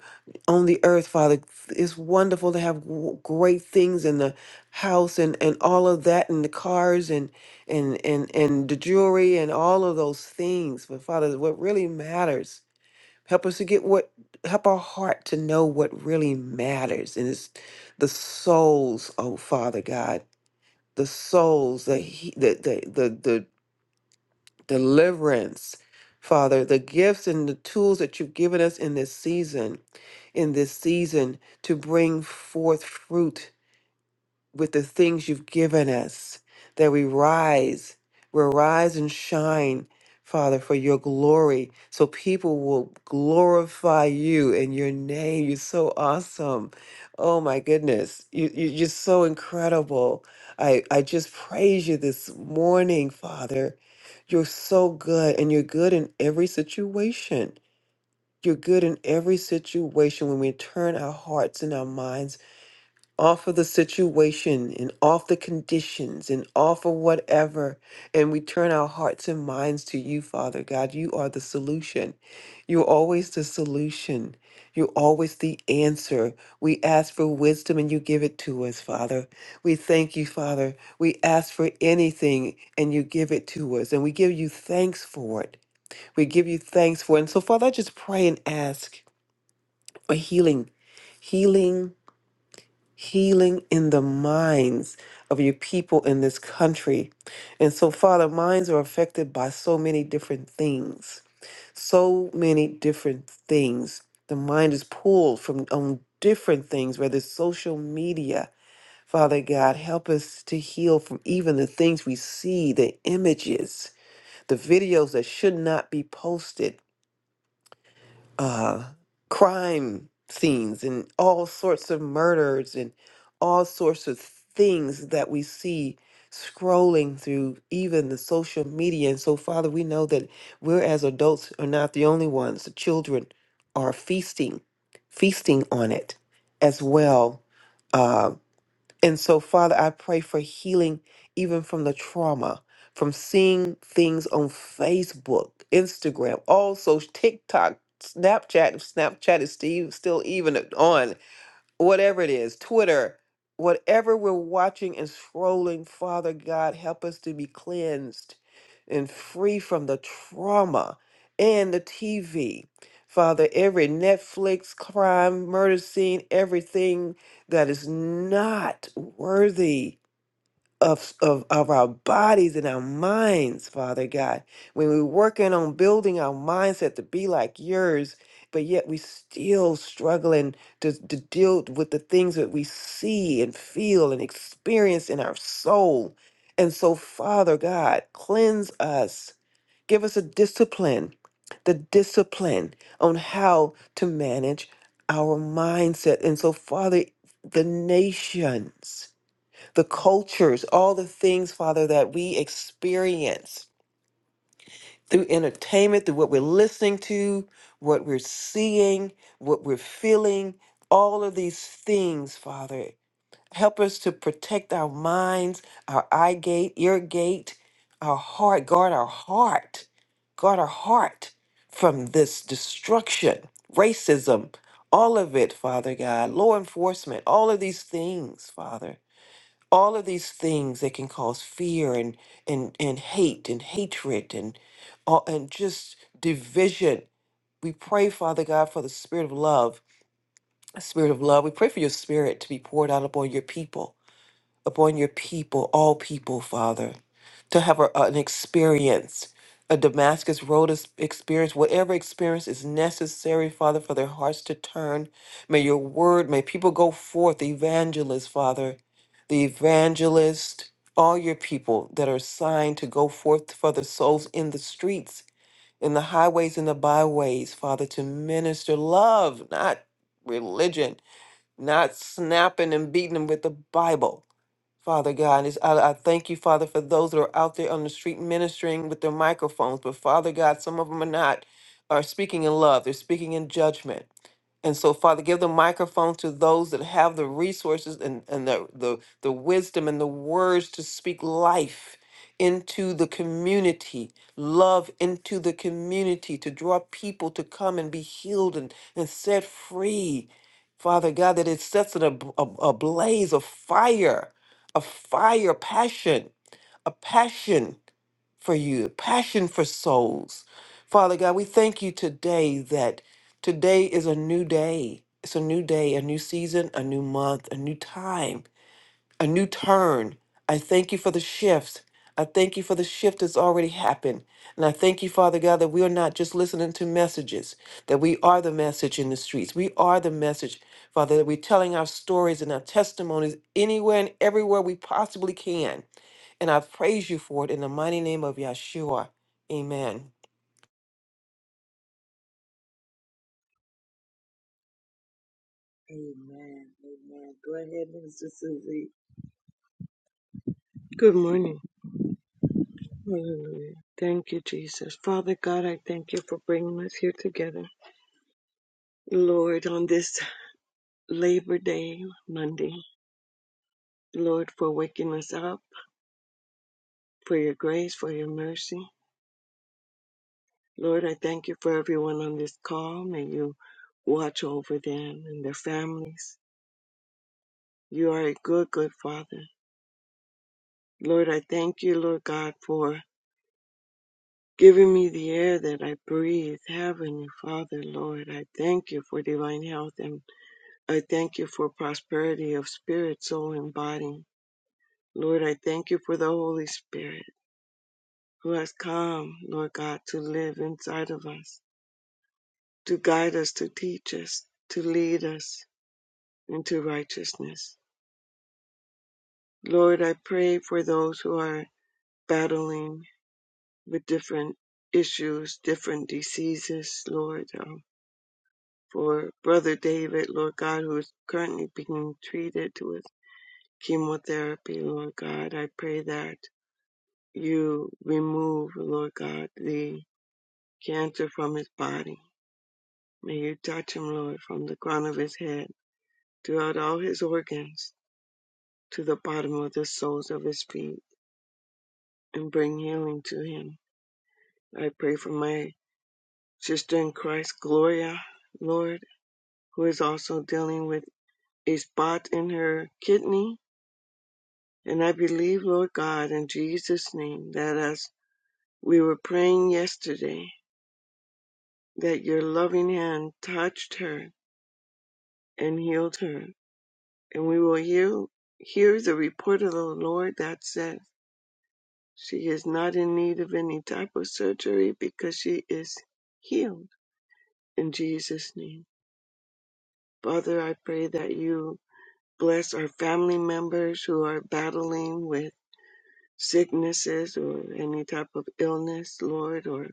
Speaker 8: on the earth, Father. It's wonderful to have w- great things in the house and, and all of that and the cars and and and and the jewelry and all of those things. But Father, what really matters Help us to get what, help our heart to know what really matters. And it's the souls, oh Father God, the souls, the, he- the, the, the, the deliverance, Father, the gifts and the tools that you've given us in this season, in this season to bring forth fruit with the things you've given us, that we rise, we rise and shine, Father, for your glory, so people will glorify you and your name. You're so awesome. Oh my goodness, you, you- you're so incredible. I, I just praise you this morning, Father. You're so good, and you're good in every situation. You're good in every situation when we turn our hearts and our minds off of the situation and off the conditions and off of whatever. And we turn our hearts and minds to you, Father God. You are the solution. You're always the solution. You're always the answer. We ask for wisdom and you give it to us, Father. We thank you, Father. We ask for anything and you give it to us. And we give you thanks for it. We give you thanks for it. And so, Father, I just pray and ask a healing, healing healing in the minds of your people in this country. And so, Father, minds are affected by so many different things. So many different things. The mind is pulled from on different things, whether it's social media. Father God, help us to heal from even the things we see, the images, the videos that should not be posted uh, crime scenes and all sorts of murders and all sorts of things that we see scrolling through even the social media. And so, Father, we know that we're as adults are not the only ones. The children are feasting, feasting on it as well. Uh, and so, Father, I pray for healing even from the trauma, from seeing things on Facebook, Instagram, also TikTok, Snapchat. if Snapchat is Steve still even on whatever it is, Twitter, whatever we're watching and scrolling, Father God, help us to be cleansed and free from the trauma and the TV. Father, every Netflix crime, murder scene, everything that is not worthy of, of, of our bodies and our minds, Father God. When we're working on building our mindset to be like yours, but yet we still struggling to, to deal with the things that we see and feel and experience in our soul. And so, Father God, cleanse us. Give us a discipline, the discipline on how to manage our mindset. And so, Father, the nations the cultures, all the things, Father, that we experience through entertainment, through what we're listening to, what we're seeing, what we're feeling, all of these things, Father. Help us to protect our minds, our eye gate, ear gate, our heart. Guard our heart. Guard our heart from this destruction, racism, all of it, Father God, law enforcement, all of these things, Father all of these things that can cause fear and and and hate and hatred and all and just division we pray father god for the spirit of love a spirit of love we pray for your spirit to be poured out upon your people upon your people all people father to have a, an experience, a Damascus Road ex- experience, whatever experience is necessary, Father, for their hearts to turn. May your word, may people go forth, the evangelist, Father, the evangelist, all your people that are assigned to go forth for the souls in the streets, in the highways, and the byways, Father, to minister love, not religion, not snapping and beating them with the Bible Father God, is I, I thank you, Father, for those that are out there on the street ministering with their microphones. But Father God, some of them are not are speaking in love. They're speaking in judgment. And so, Father, give the microphone to those that have the resources and, and the, the, the wisdom and the words to speak life into the community, love into the community, to draw people to come and be healed and, and set free. Father God, that it sets it ab- ab- ablaze, a fire, a fire, passion, a passion for you, passion for souls. Father God, we thank you today that Today is a new day. It's a new day, a new season, a new month, a new time, a new turn. I thank you for the shift. I thank you for the shift that's already happened. And I thank you, Father God, that we are not just listening to messages, that we are the message in the streets. We are the message, Father, that we're telling our stories and our testimonies anywhere and everywhere we possibly can. And I praise you for it in the mighty name of Yeshua. Amen.
Speaker 9: Good morning. Hallelujah. Thank you, Jesus. Father God, I thank you for bringing us here together. Lord, on this Labor Day, Monday, Lord, for waking us up, for your grace, for your mercy. Lord, I thank you for everyone on this call. May you watch over them and their families. You are a good, good Father. Lord, I thank you, Lord God, for giving me the air that I breathe. Heavenly Father, Lord, I thank you for divine health and I thank you for prosperity of spirit, soul, and body. Lord, I thank you for the Holy Spirit who has come, Lord God, to live inside of us, to guide us, to teach us, to lead us into righteousness. Lord, I pray for those who are battling with different issues, different diseases, Lord. um, for Brother David, Lord God, who is currently being treated with chemotherapy, Lord God, I pray that you remove, Lord God, the cancer from his body. May you touch him, Lord, from the crown of his head, throughout all his organs, to the bottom of the soles of his feet, and bring healing to him. I pray for my sister in Christ, Gloria, Lord, who is also dealing with a spot in her kidney. And I believe, Lord God, in Jesus' name, that as we were praying yesterday, that your loving hand touched her and healed her. And we will hear, hear the report of the Lord that says, She is not in need of any type of surgery because she is healed in Jesus' name. Father, I pray that you bless our family members who are battling with sicknesses or any type of illness, Lord, or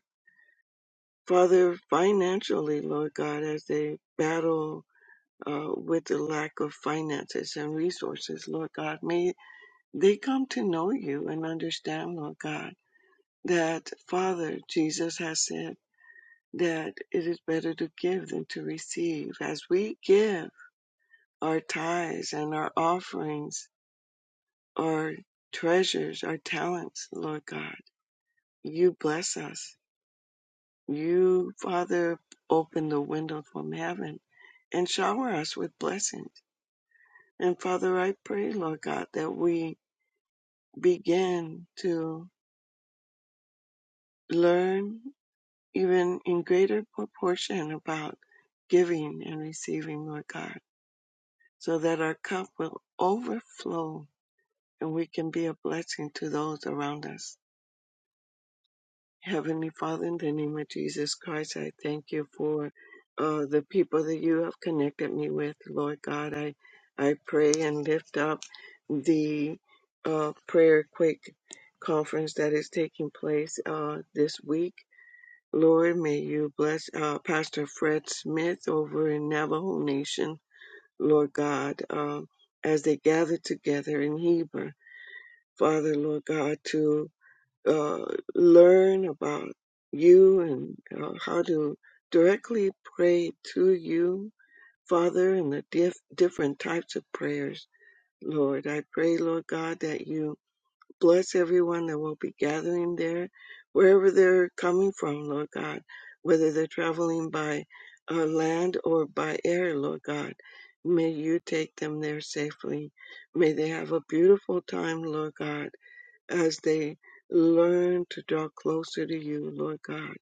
Speaker 9: Father, financially, Lord God, as they battle uh, with the lack of finances and resources, Lord God. May They come to know you and understand, Lord God, that Father Jesus has said that it is better to give than to receive. As we give our tithes and our offerings, our treasures, our talents, Lord God, you bless us. You, Father, open the window from heaven and shower us with blessings. And Father, I pray, Lord God, that we begin to learn even in greater proportion about giving and receiving, Lord God, so that our cup will overflow and we can be a blessing to those around us. Heavenly Father, in the name of Jesus Christ, I thank you for uh, the people that you have connected me with, Lord God. I, I pray and lift up the uh, prayer quake conference that is taking place uh, this week. Lord, may you bless uh, Pastor Fred Smith over in Navajo Nation, Lord God, um, as they gather together in Heber. Father, Lord God, to uh, learn about you and uh, how to directly pray to you, Father, and the diff- different types of prayers. Lord, I pray, Lord God, that you Bless everyone that will be gathering there, wherever they're coming from, Lord God, whether they're traveling by uh, land or by air, Lord God. May you take them there safely. May they have a beautiful time, Lord God, as they learn to draw closer to you, Lord God.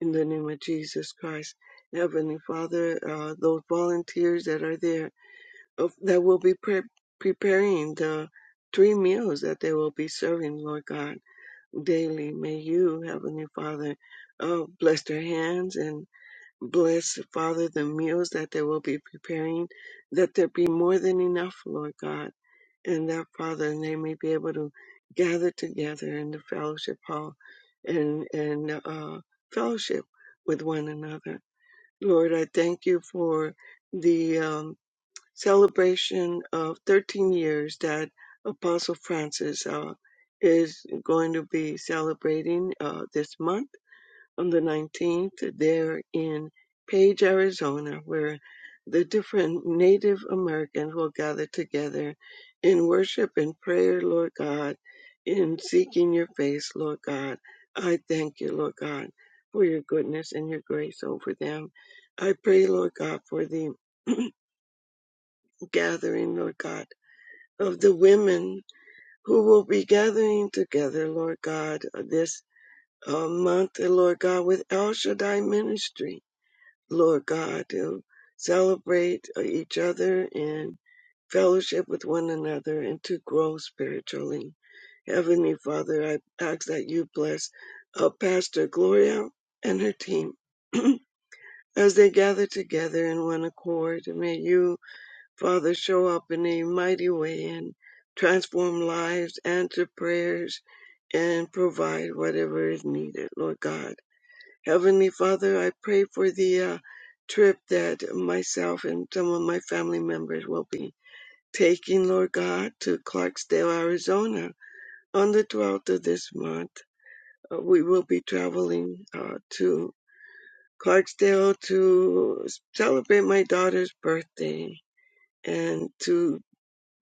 Speaker 9: In the name of Jesus Christ. Heavenly Father, uh, those volunteers that are there, of, that will be pre- preparing the three meals that they will be serving, Lord God, daily. May you, Heavenly Father, uh, bless their hands and bless, Father, the meals that they will be preparing, that there be more than enough, Lord God, and that, Father, they may be able to gather together in the fellowship hall and, and uh, fellowship with one another. Lord, I thank you for the. um, celebration of 13 years that Apostle Francis uh, is going to be celebrating uh, this month on the 19th there in Page, Arizona, where the different Native Americans will gather together in worship and prayer, Lord God, in seeking your face, Lord God. I thank you, Lord God, for your goodness and your grace over them. I pray, Lord God, for the gathering, Lord God, of the women who will be gathering together, Lord God, this uh, month, uh, Lord God, with El Shaddai Ministry, Lord God, to celebrate uh, each other and fellowship with one another and to grow spiritually. Heavenly Father, I ask that you bless uh, Pastor Gloria and her team as they gather together in one accord. May you Father, show up in a mighty way and transform lives, answer prayers, and provide whatever is needed, Lord God. Heavenly Father, I pray for the uh, trip that myself and some of my family members will be taking, Lord God, to Clarksdale, Arizona on the 12th of this month. Uh, we will be traveling uh, to Clarksdale to celebrate my daughter's birthday and to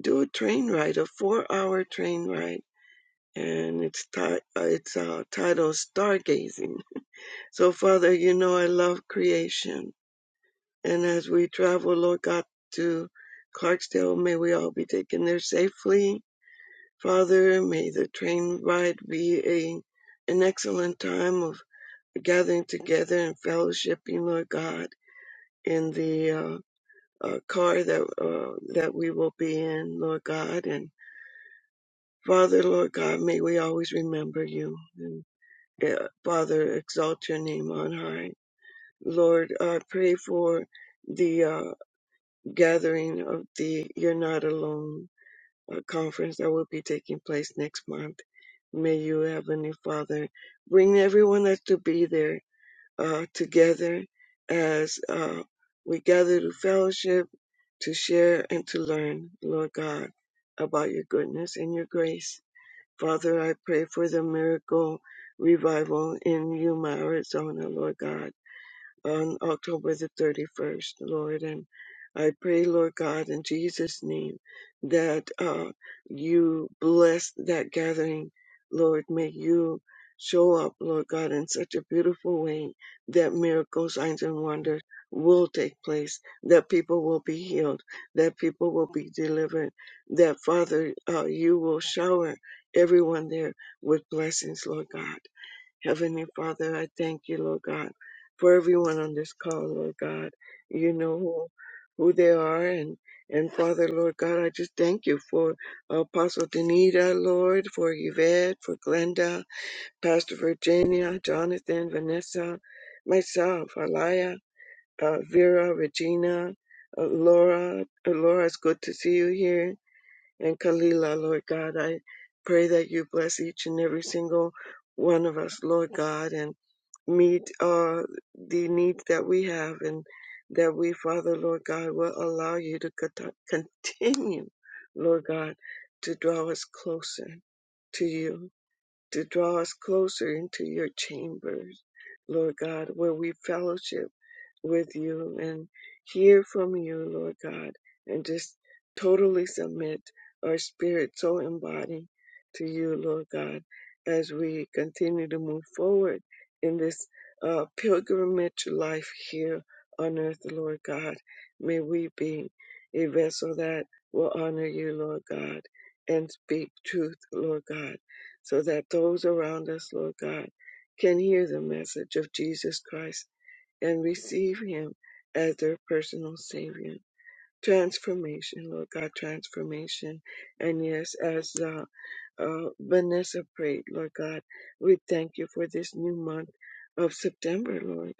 Speaker 9: do a train ride, a four-hour train ride, and it's ti- uh, it's uh, titled Stargazing. So, Father, you know I love creation, and as we travel, Lord God, to Clarksdale, may we all be taken there safely. Father, may the train ride be a an excellent time of gathering together and fellowshipping, Lord God, in the uh, uh, car that uh, that we will be in, Lord God, and Father, Lord God, may we always remember you. And, uh, Father, exalt your name on high. Lord, I pray for the uh, gathering of the You're Not Alone uh, conference that will be taking place next month. May you, Heavenly Father, bring everyone that's to be there uh, together as uh, we gather to fellowship, to share, and to learn, Lord God, about your goodness and your grace. Father, I pray for the miracle revival in Yuma, Arizona, Lord God on October the 31st, Lord. And I pray, Lord God, in Jesus' name, that uh, you bless that gathering, Lord. May you show up, Lord God, in such a beautiful way that miracles, signs, and wonders will take place, that people will be healed, that people will be delivered, that, Father, uh, you will shower everyone there with blessings, Lord God. Heavenly Father, I thank you, Lord God, for everyone on this call, Lord God. You know who, who they are, and and Father, Lord God, I just thank you for Apostle Danita, Lord, for Yvette, for Glenda, Pastor Virginia, Jonathan, Vanessa, myself, Alaya, uh, Vera, Regina, uh, Laura. Uh, Laura, it's good to see you here and Kalila, Lord God. I pray that you bless each and every single one of us, Lord God, and meet uh, the needs that we have and that we, Father, Lord God, will allow you to cont- continue, Lord God, to draw us closer to you, to draw us closer into your chambers, Lord God, where we fellowship with you and hear from you, Lord God, and just totally submit our spirit, soul, and body to you, Lord God, as we continue to move forward in this uh, pilgrimage life here on earth, Lord God. May we be a vessel that will honor you, Lord God, and speak truth, Lord God, so that those around us, Lord God, can hear the message of Jesus Christ and receive Him as their personal Savior. Transformation, Lord God, transformation. And yes, as uh, uh, Vanessa prayed, Lord God, we thank you for this new month of September, Lord.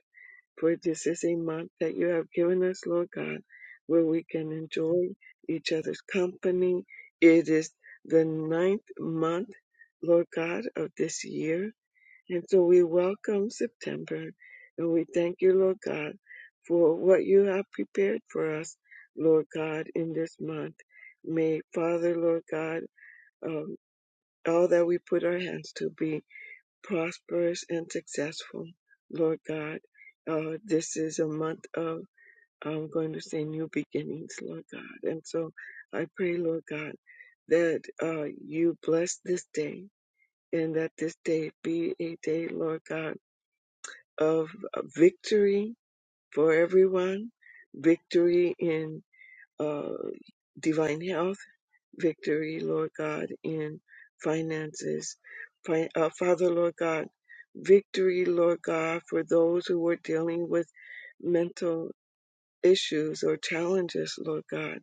Speaker 9: For this is a month that you have given us, Lord God, where we can enjoy each other's company. It is the ninth month, Lord God, of this year and so we welcome September and we thank you, Lord God, for what you have prepared for us, Lord God, in this month. May Father, Lord God, um, all that we put our hands to be prosperous and successful, Lord God. Uh, this is a month of, I'm going to say, new beginnings, Lord God. And so I pray, Lord God, that uh, you bless this day and that this day be a day, Lord God of uh, victory for everyone, victory in uh, divine health, victory, Lord God, in finances. Fi- uh, Father, Lord God, victory, Lord God, for those who are dealing with mental issues or challenges, Lord God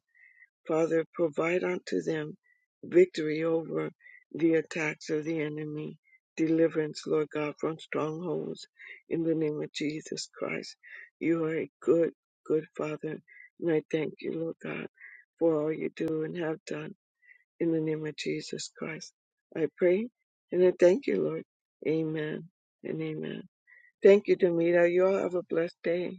Speaker 9: Father, provide unto them victory over the attacks of the enemy. Deliverance, Lord God, from strongholds in the name of Jesus Christ. You are a good, good Father. And I thank you, Lord God, for all you do and have done in the name of Jesus Christ. I pray and I thank you, Lord. Amen and amen. Thank you, Demita. You all have a blessed day.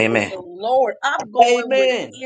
Speaker 5: Amen. Amen.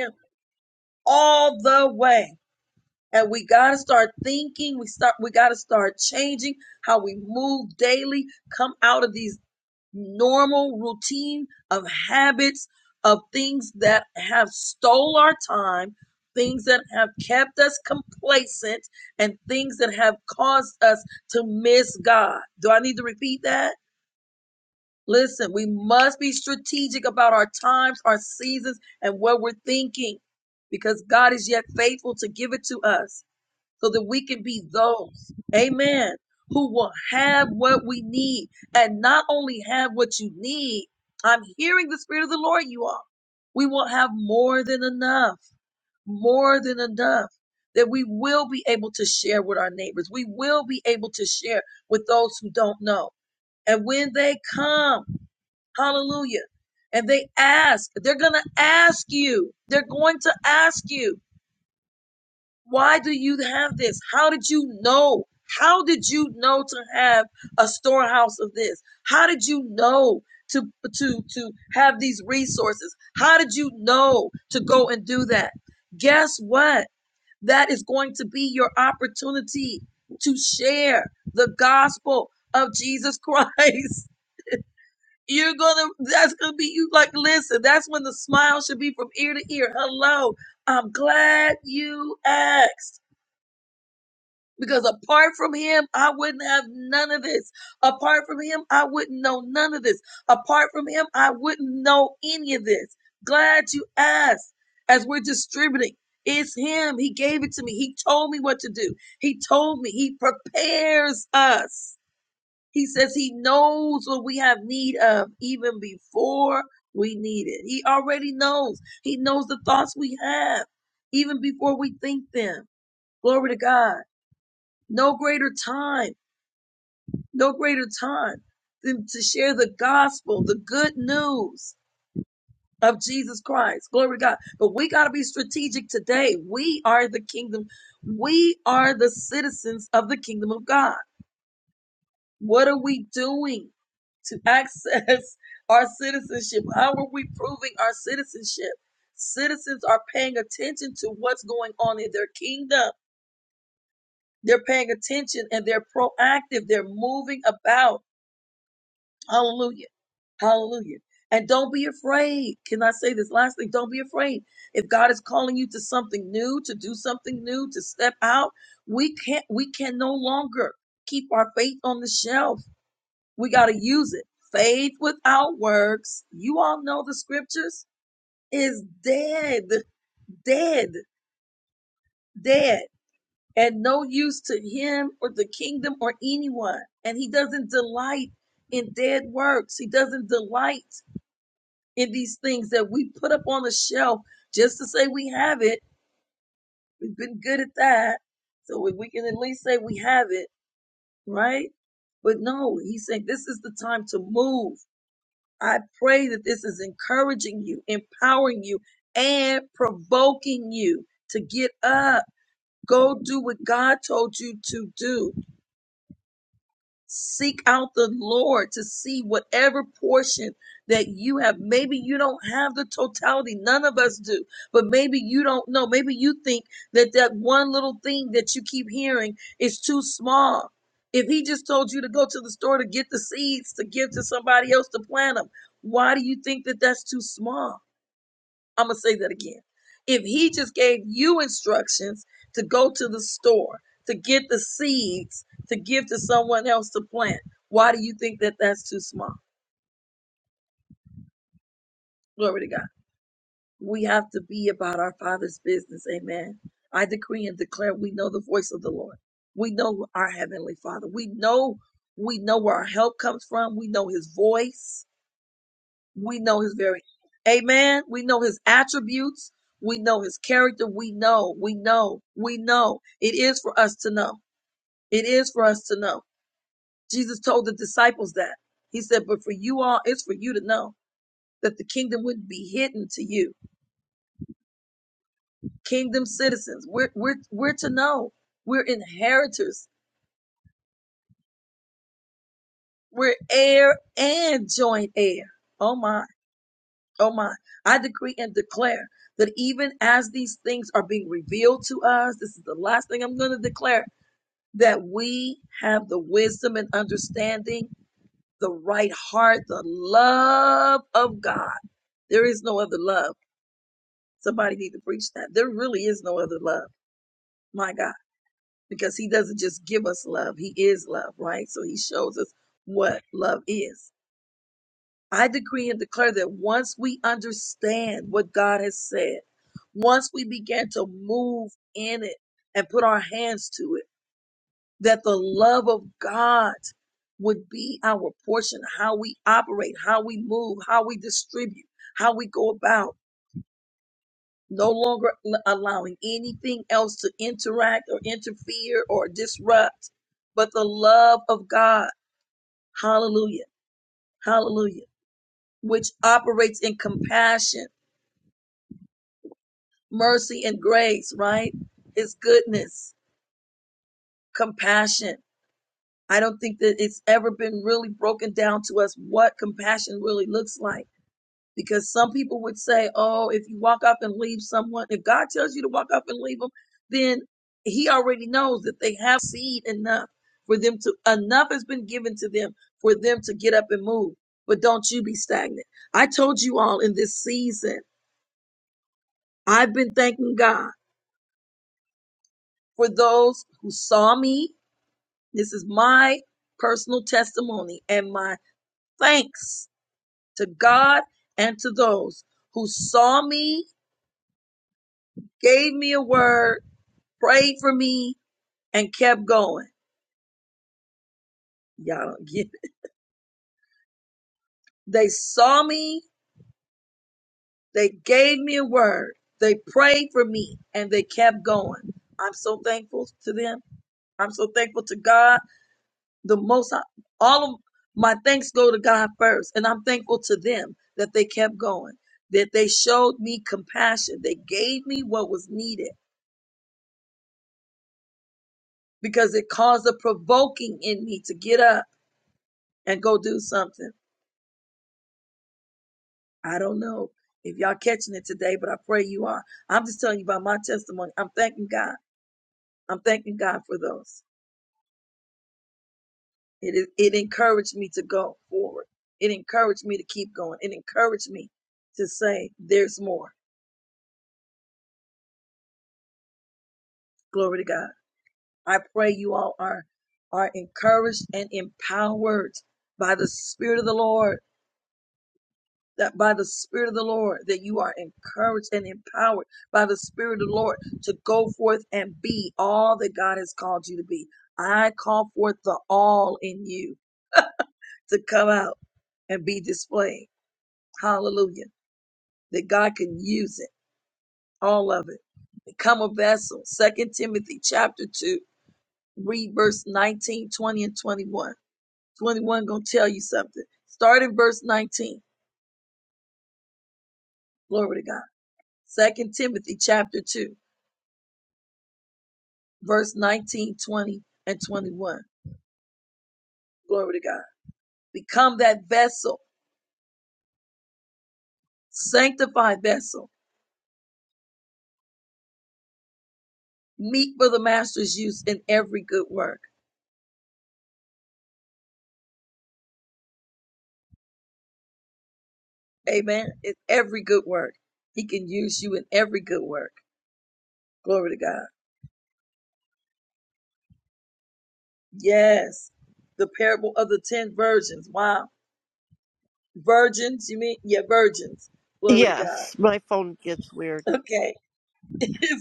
Speaker 3: Yes, my phone gets weird.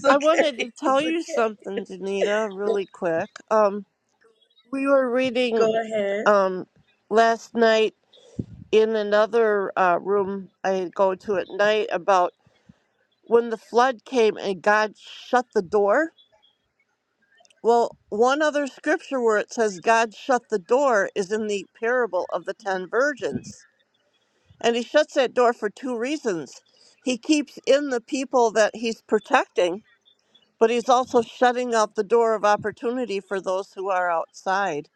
Speaker 3: I wanted to tell you something, Danita, really quick. Um, we were reading um, last night in another uh, room I go to at night about when the flood came and God shut the door. Well, one other scripture where it says God shut the door is in the parable of the ten virgins And he shuts that door for two reasons. He keeps in the people that he's protecting, but he's also shutting out the door of opportunity for those who are outside.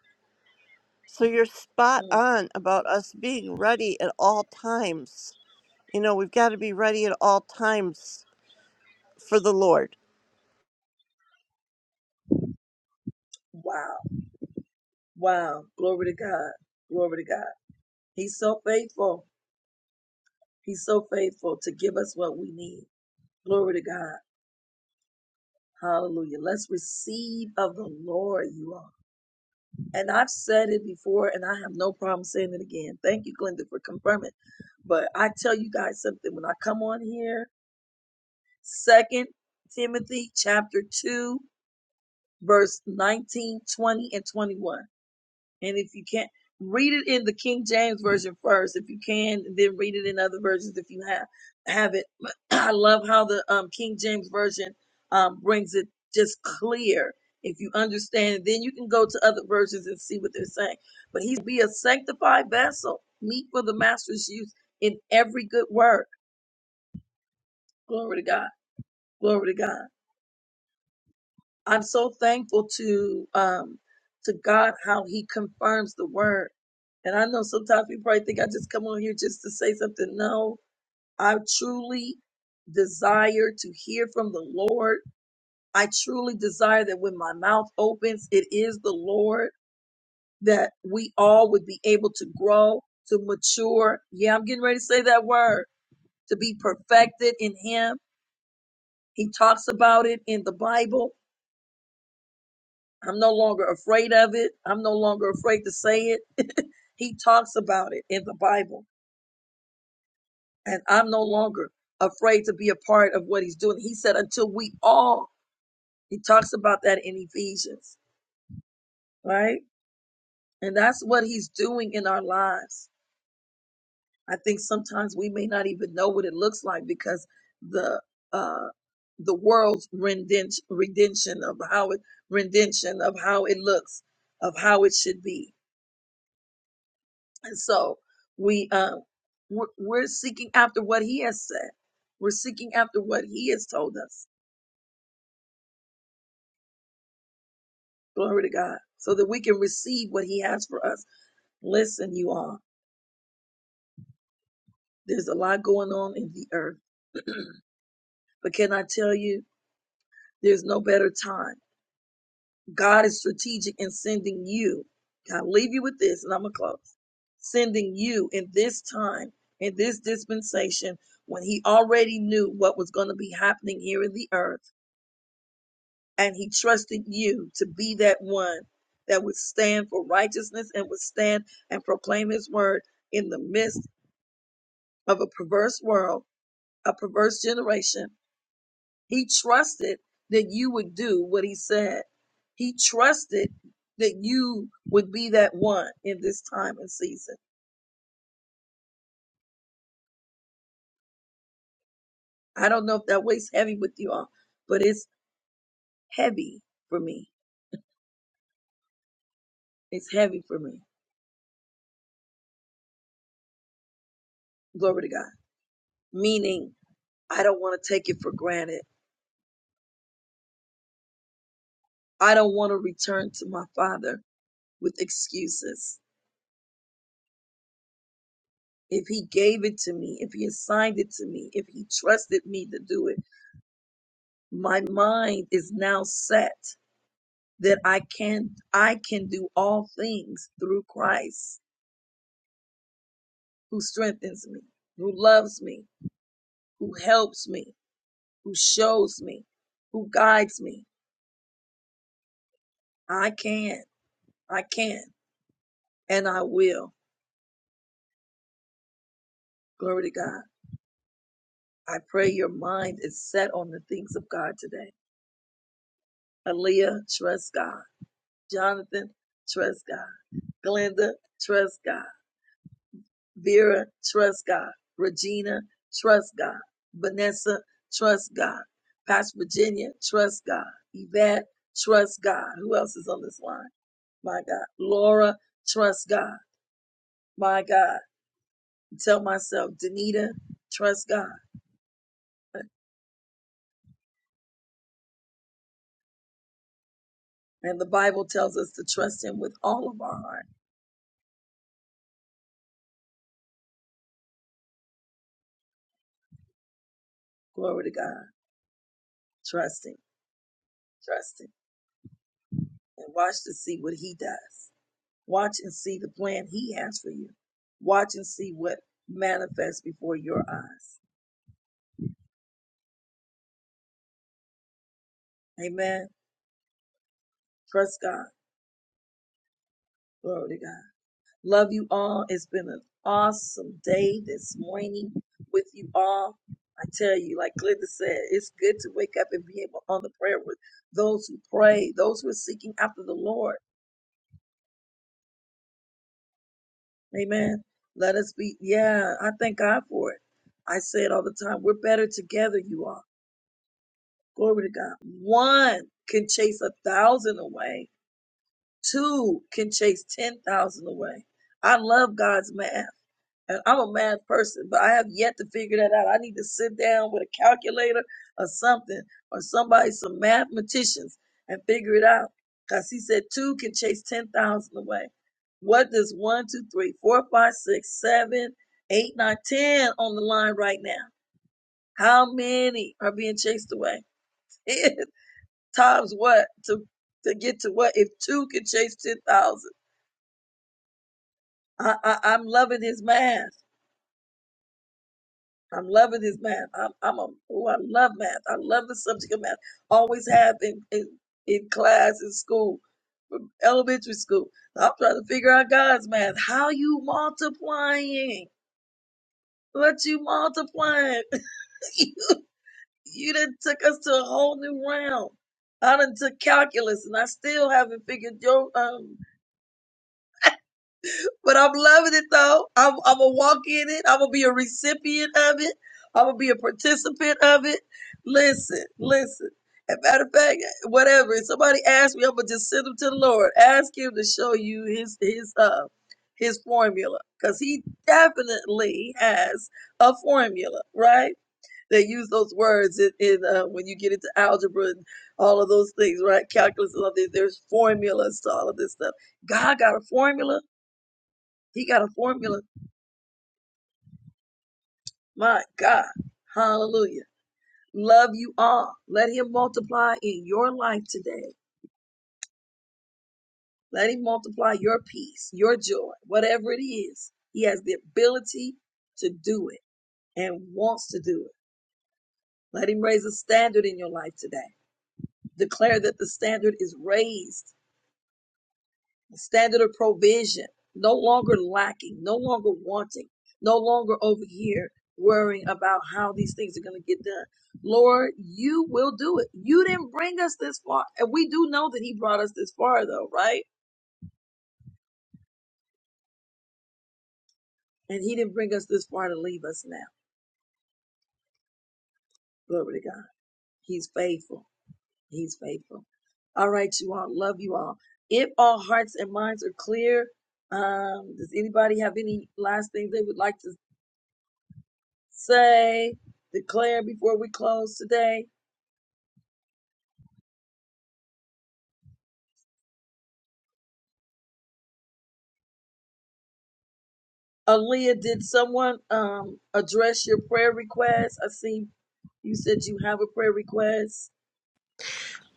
Speaker 3: So you're spot on about us being ready at all times. You know, we've got to be ready at all times for the Lord.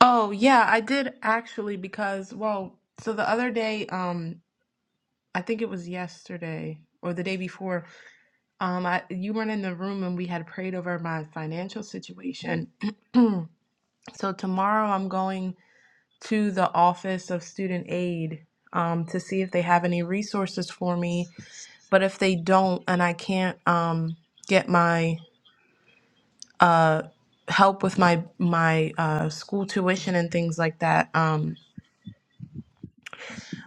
Speaker 6: Oh, yeah, I did actually because, well, so the other day, um, I think it was yesterday or the day before, um, I you weren't in the room and we had prayed over my financial situation. So tomorrow I'm going to the Office of Student Aid um, to see if they have any resources for me. But if they don't, and I can't um, get my uh, help with my my uh, school tuition and things like that, um,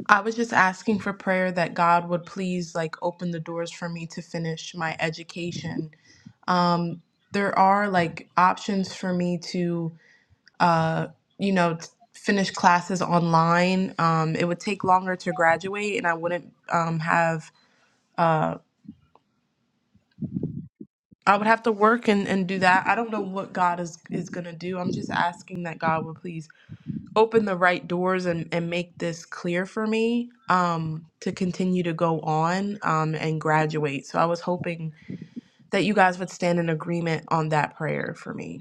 Speaker 6: I was just asking for prayer that God would please like open the doors for me to finish my education. Um, there are like options for me to uh, you know, t- finish classes online. Um, it would take longer to graduate, and I wouldn't um, have. Uh, I would have to work and, and do that. I don't know what God is, is going to do. I'm just asking that God would please open the right doors and, and make this clear for me um, to continue to go on um, and graduate. So I was hoping that you guys would stand in agreement on that prayer for me.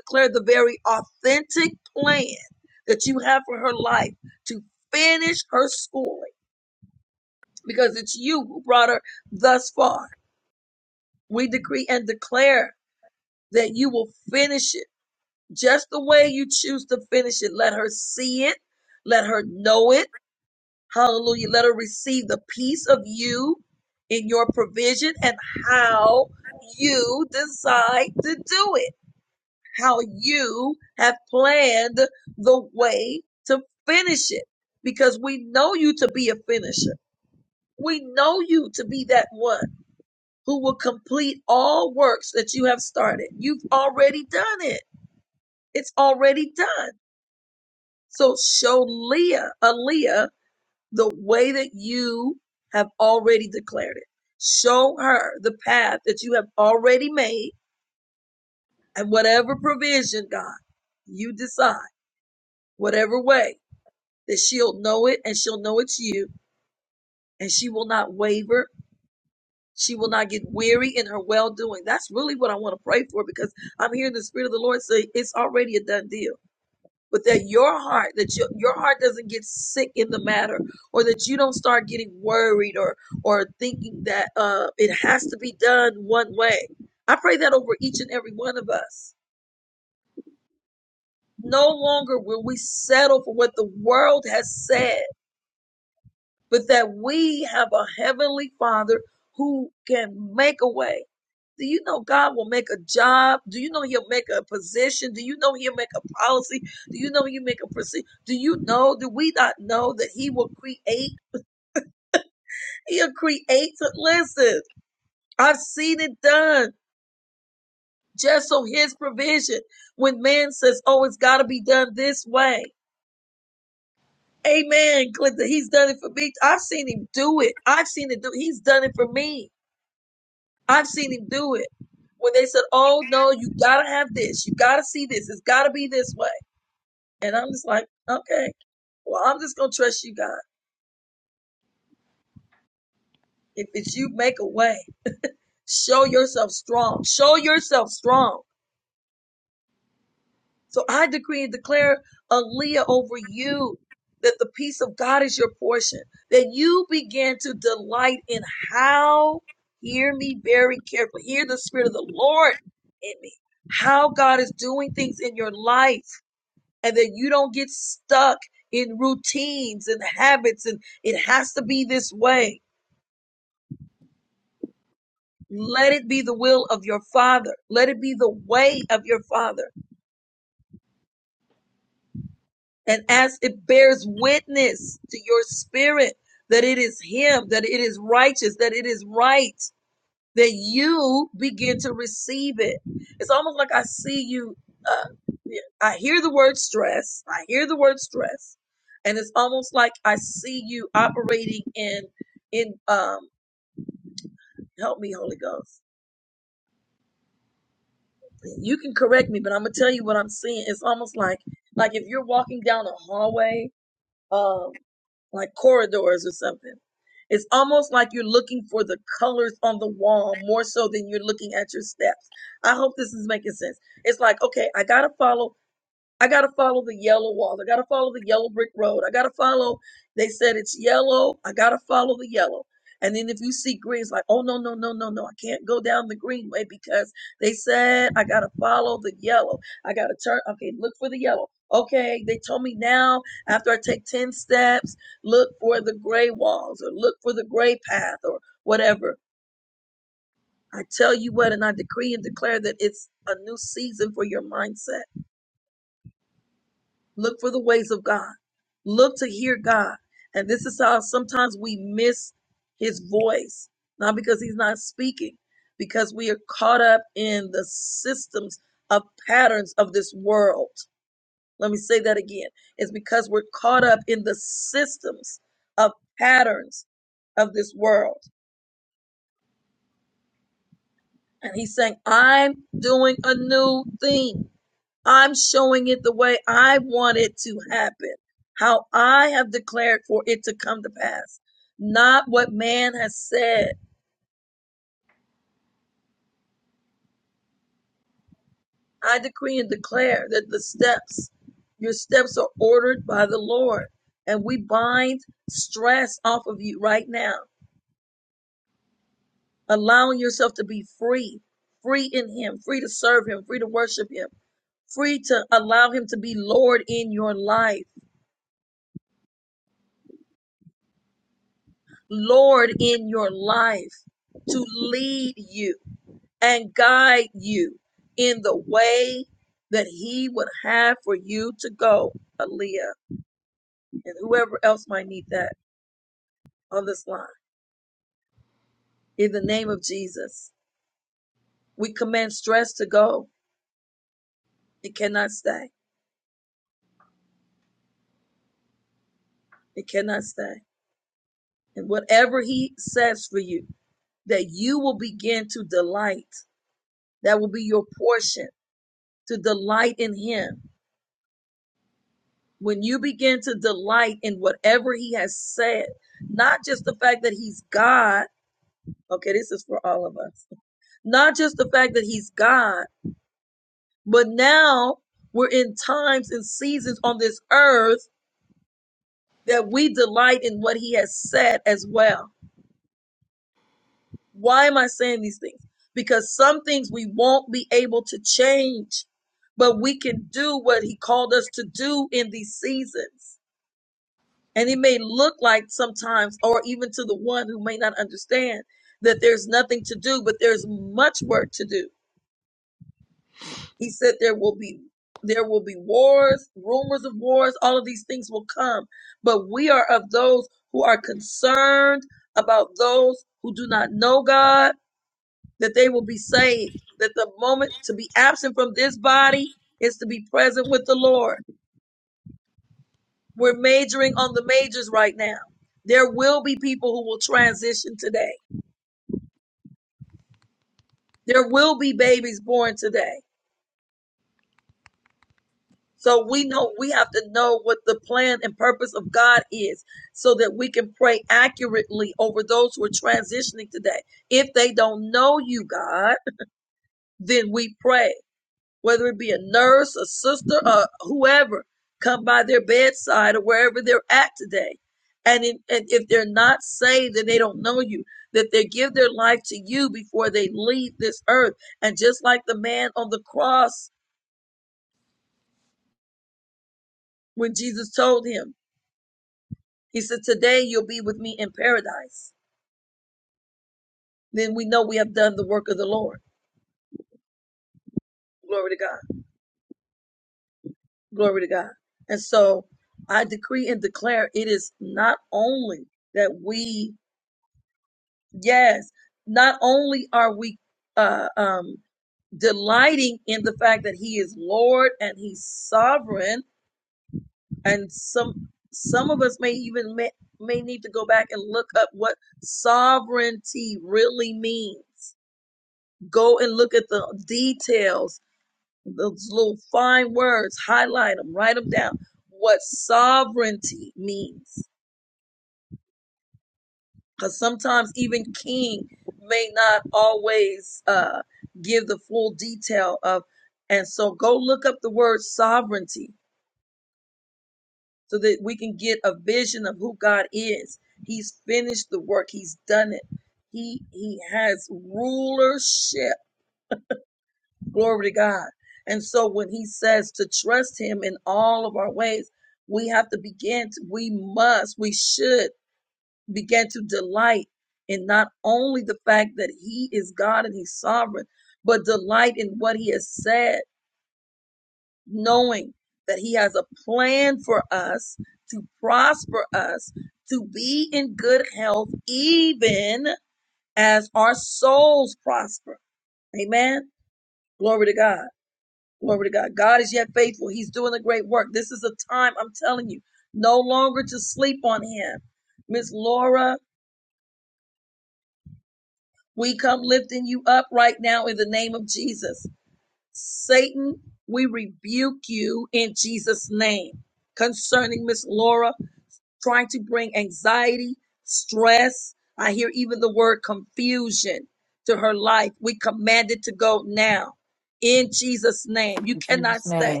Speaker 2: In Jesus' name.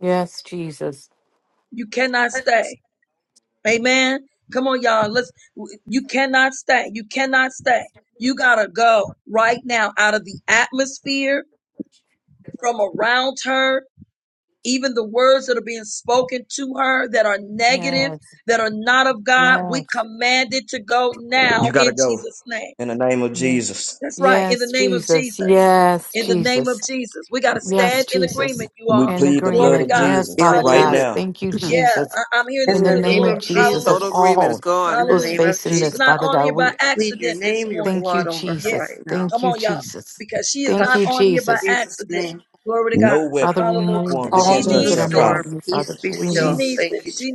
Speaker 2: Yes, Jesus. Yes, yes.
Speaker 5: You got to go in the name of
Speaker 2: ye-
Speaker 5: Jesus.
Speaker 2: Yes, Jesus. Yes, Jesus. Yes, Jesus.
Speaker 5: We
Speaker 2: In
Speaker 5: plead the blood
Speaker 2: agreement.
Speaker 5: of
Speaker 2: Yes,
Speaker 5: Jesus
Speaker 8: In
Speaker 2: Father
Speaker 5: right
Speaker 2: God.
Speaker 8: agreement.
Speaker 5: now.
Speaker 2: Thank you, Jesus. In
Speaker 3: In
Speaker 2: the
Speaker 3: the
Speaker 2: name
Speaker 3: name
Speaker 2: of
Speaker 3: of
Speaker 2: Jesus, of
Speaker 8: Total
Speaker 3: Jesus,
Speaker 8: agreement. It's
Speaker 2: all
Speaker 3: in
Speaker 8: gone.
Speaker 3: the
Speaker 2: who's
Speaker 3: name of
Speaker 2: facing this,
Speaker 3: Jesus,
Speaker 2: Father God, we
Speaker 3: plead your name, your
Speaker 2: Thank you,
Speaker 3: blood over her
Speaker 2: Jesus.
Speaker 3: right now.
Speaker 2: Thank you, Jesus. Thank you,
Speaker 3: Touch her in
Speaker 2: Jesus.
Speaker 3: Jesus' name.
Speaker 5: No
Speaker 2: Father,
Speaker 5: weapon
Speaker 2: remove
Speaker 5: formed
Speaker 2: all
Speaker 5: against
Speaker 3: Calm
Speaker 5: her
Speaker 2: things
Speaker 3: the
Speaker 2: that are
Speaker 5: shall
Speaker 2: not of
Speaker 5: prosper.
Speaker 3: storm.
Speaker 2: you,
Speaker 3: Peace
Speaker 2: Father.
Speaker 3: be
Speaker 2: We need,
Speaker 3: still.
Speaker 8: Peace.
Speaker 3: Thank you. Jesus.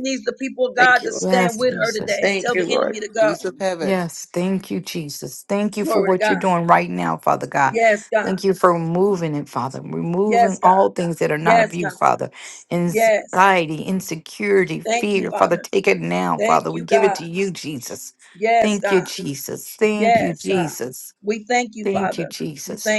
Speaker 3: Thank you, Lord.
Speaker 2: yes, Jesus.
Speaker 3: Thank you, Lord.
Speaker 8: Peace of heaven.
Speaker 2: Yes, thank you, Jesus. Thank you for what you're doing right now, Father God. Thank you for removing it, Father. Removing all things that are not of you, Father. Anxiety, insecurity, fear, Father, take it now, Father. We give it to you, Jesus. Thank you, Jesus. Thank you, Jesus. Thank you, Jesus.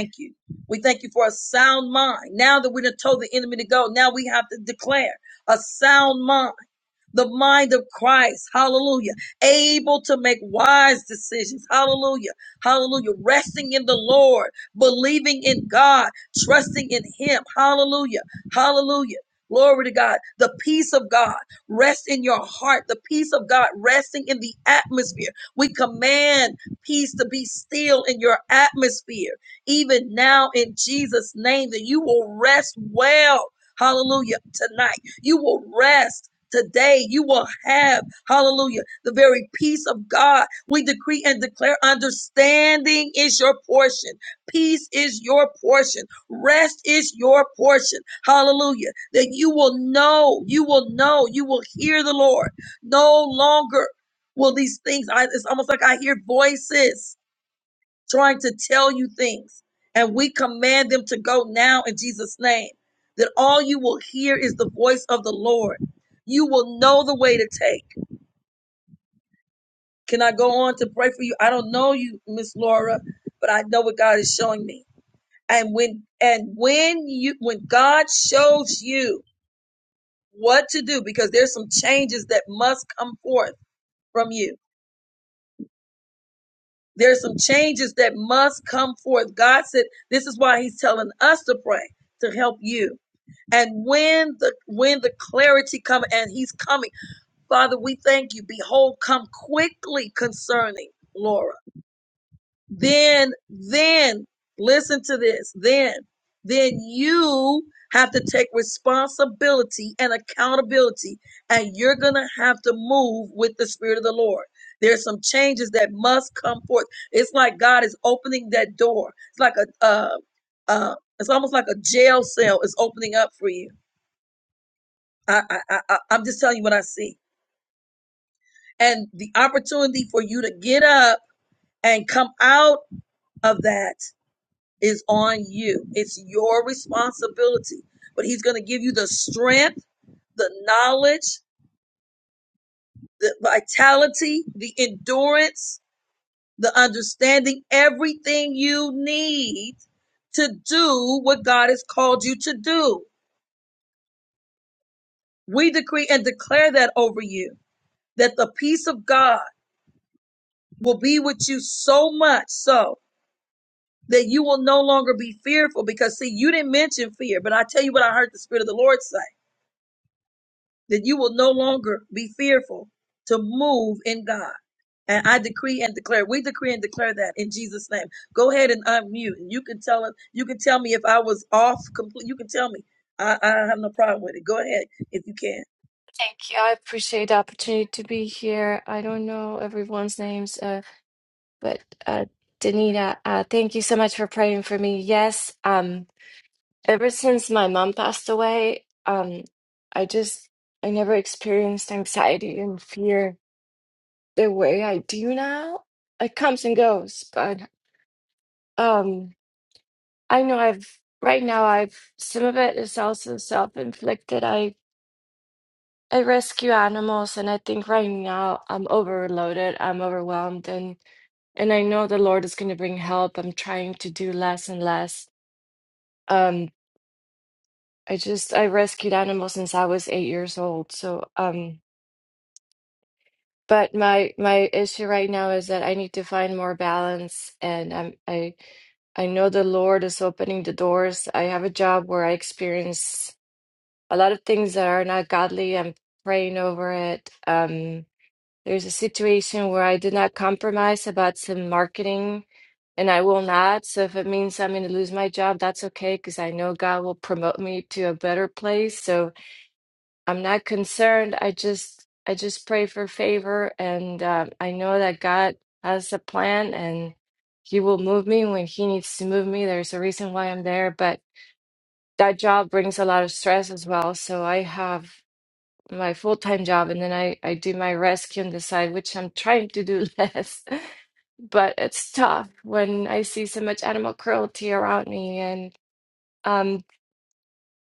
Speaker 10: Thank you. I appreciate the opportunity to be here. I don't know everyone's names, uh, but uh, Danita, uh, thank you so much for praying for me. Yes, um, ever since my mom passed away, um, I just I never experienced anxiety and fear the way I do now. It comes and goes, but um, I know I've right now. I've some of it is also self-inflicted. I. I rescue animals, and I think right now I'm overloaded, I'm overwhelmed, and and I know the Lord is going to bring help. I'm trying to do less and less. Um, I just I rescued animals since I was eight years old. So, um, but my my issue right now is that I need to find more balance, and I'm I I know the Lord is opening the doors. I have a job where I experience a lot of things that are not godly. I'm praying over it. Um There's a situation where I did not compromise about some marketing, and I will not. So if it means I'm going to lose my job, that's okay because I know God will promote me to a better place. So I'm not concerned. I just I just pray for favor, and uh, I know that God has a plan, and He will move me when He needs to move me. There's a reason why I'm there, but that job brings a lot of stress as well. So I have my full-time job and then I, I do my rescue on the side, which I'm trying to do less. But it's tough when I see so much animal cruelty around me and um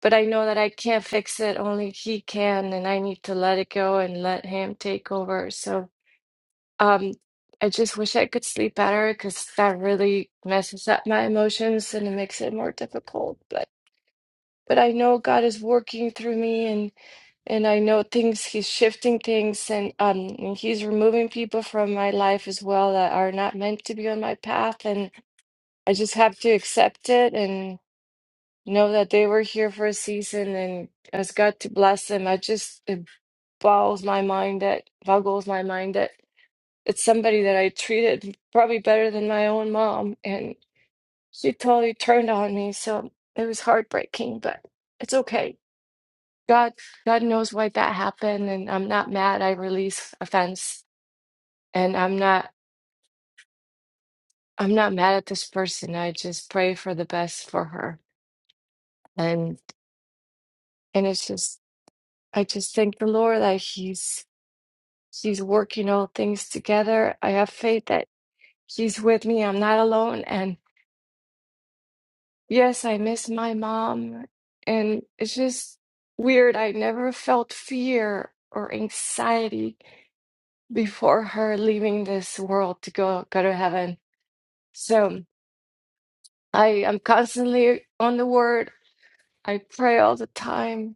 Speaker 10: but I know that I can't fix it, only he can, and I need to let it go and let him take over. So um I just wish I could sleep better because that really messes up my emotions and it makes it more difficult. But but I know God is working through me And I know things, he's shifting things and um and he's removing people from my life as well that are not meant to be on my path. And I just have to accept it and know that they were here for a season and ask God to bless them. I just it boggles my mind that boggles my mind that it's somebody that I treated probably better than my own mom and she totally turned on me. So it was heartbreaking, but it's okay. God, God knows why that happened, and I'm not mad. I release offense, and I'm not, I'm not mad at this person. I just pray for the best for her, and and it's just, I just thank the Lord that He's He's working all things together. I have faith that He's with me. I'm not alone, and yes, I miss my mom, and it's just weird. I never felt fear or anxiety before her leaving this world to go go to heaven So I am constantly on the word. I pray all the time.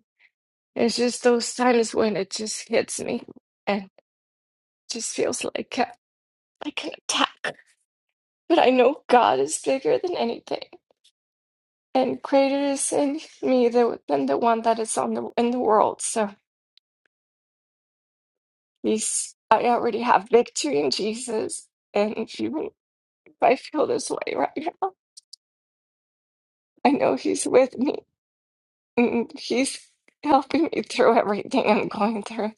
Speaker 10: It's just those times when it just hits me and it just feels like a- like an attack. But I know God is bigger than anything, and greater is in me than than the one that is on the in the world. So He's I already have victory in Jesus, and if you if I feel this way right now, I know He's with me. and He's helping me through everything I'm going through.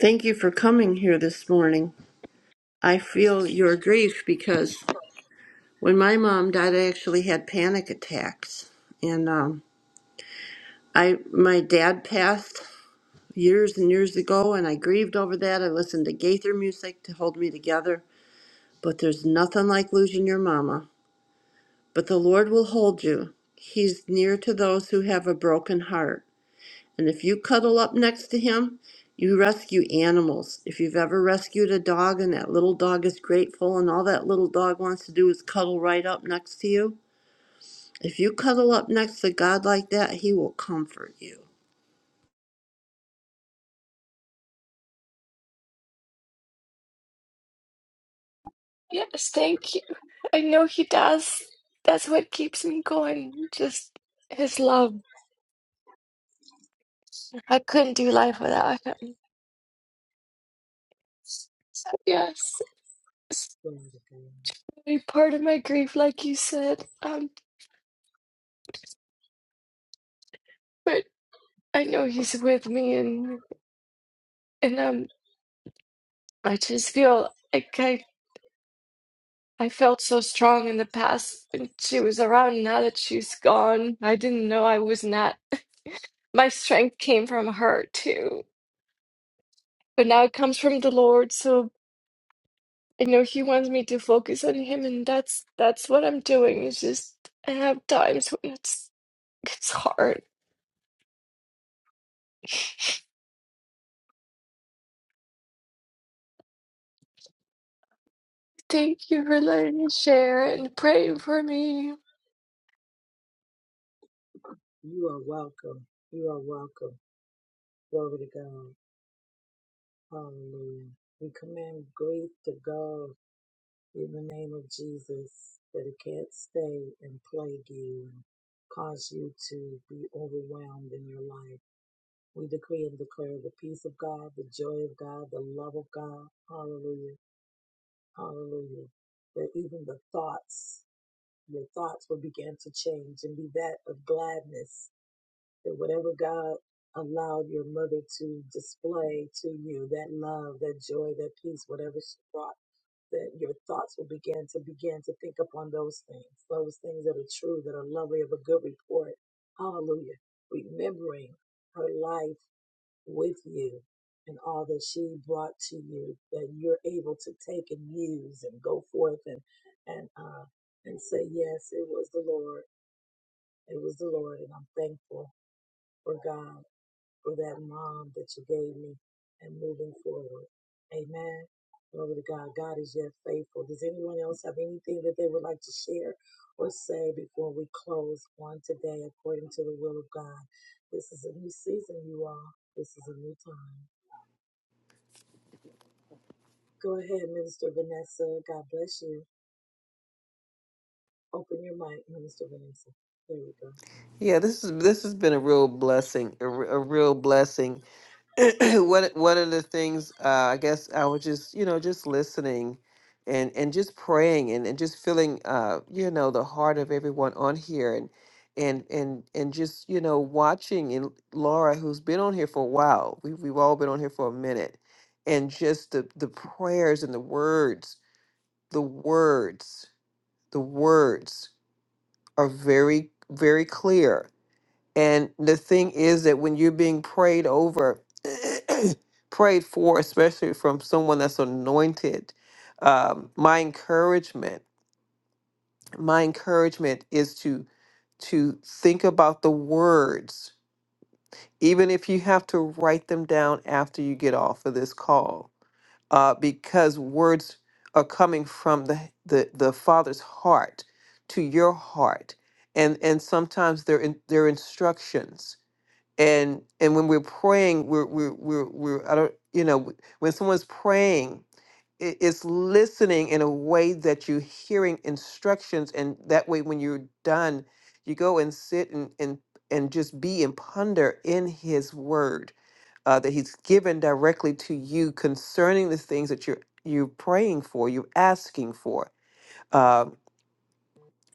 Speaker 3: Thank you for coming here this morning. I feel your grief because when my mom died, I actually had panic attacks, and um, I my dad passed years and years ago, and I grieved over that. I listened to Gaither music to hold me together, but there's nothing like losing your mama. But the Lord will hold you. He's near to those who have a broken heart. And if you cuddle up next to him, you rescue animals. If you've ever rescued a dog and that little dog is grateful and all that little dog wants to do is cuddle right up next to you, if you cuddle up next to God like that, he will comfort you.
Speaker 10: Yes, thank you. I know he does. That's what keeps me going. Just his love. I couldn't do life without him. So yes, it's really part of my grief, like you said. Um, but I know he's with me, and and um, I just feel like I I felt so strong in the past when she was around. Now that she's gone, I didn't know I was not. My strength came from her too, but now it comes from the Lord. So I know he wants me to focus on him, and that's that's what I'm doing. It's just I have times when it's it's hard. Thank you for letting me share and praying for me.
Speaker 8: Yeah, this is this has been a real blessing. A, re- a real blessing. one one of the things uh, I guess I was just you know just listening and and just praying and, and just feeling uh you know the heart of everyone on here and and and and just you know watching and Laura who's been on here for a while we we've all been on here for a minute and just the the prayers and the words the words the words are very very clear and the thing is that when you're being prayed over, prayed for, especially from someone that's anointed, um, my encouragement, my encouragement is to to think about the words, even if you have to write them down after you get off of this call, uh, because words are coming from the, the the Father's heart to your heart, and and sometimes they're in, they're instructions and and when we're praying we're we're we're, we're i don't you know when someone's praying i- it's listening in a way that you're hearing instructions and that way when you're done you go and sit and and, and just be and ponder in his word uh, that he's given directly to you concerning the things that you're you're praying for you're asking for Um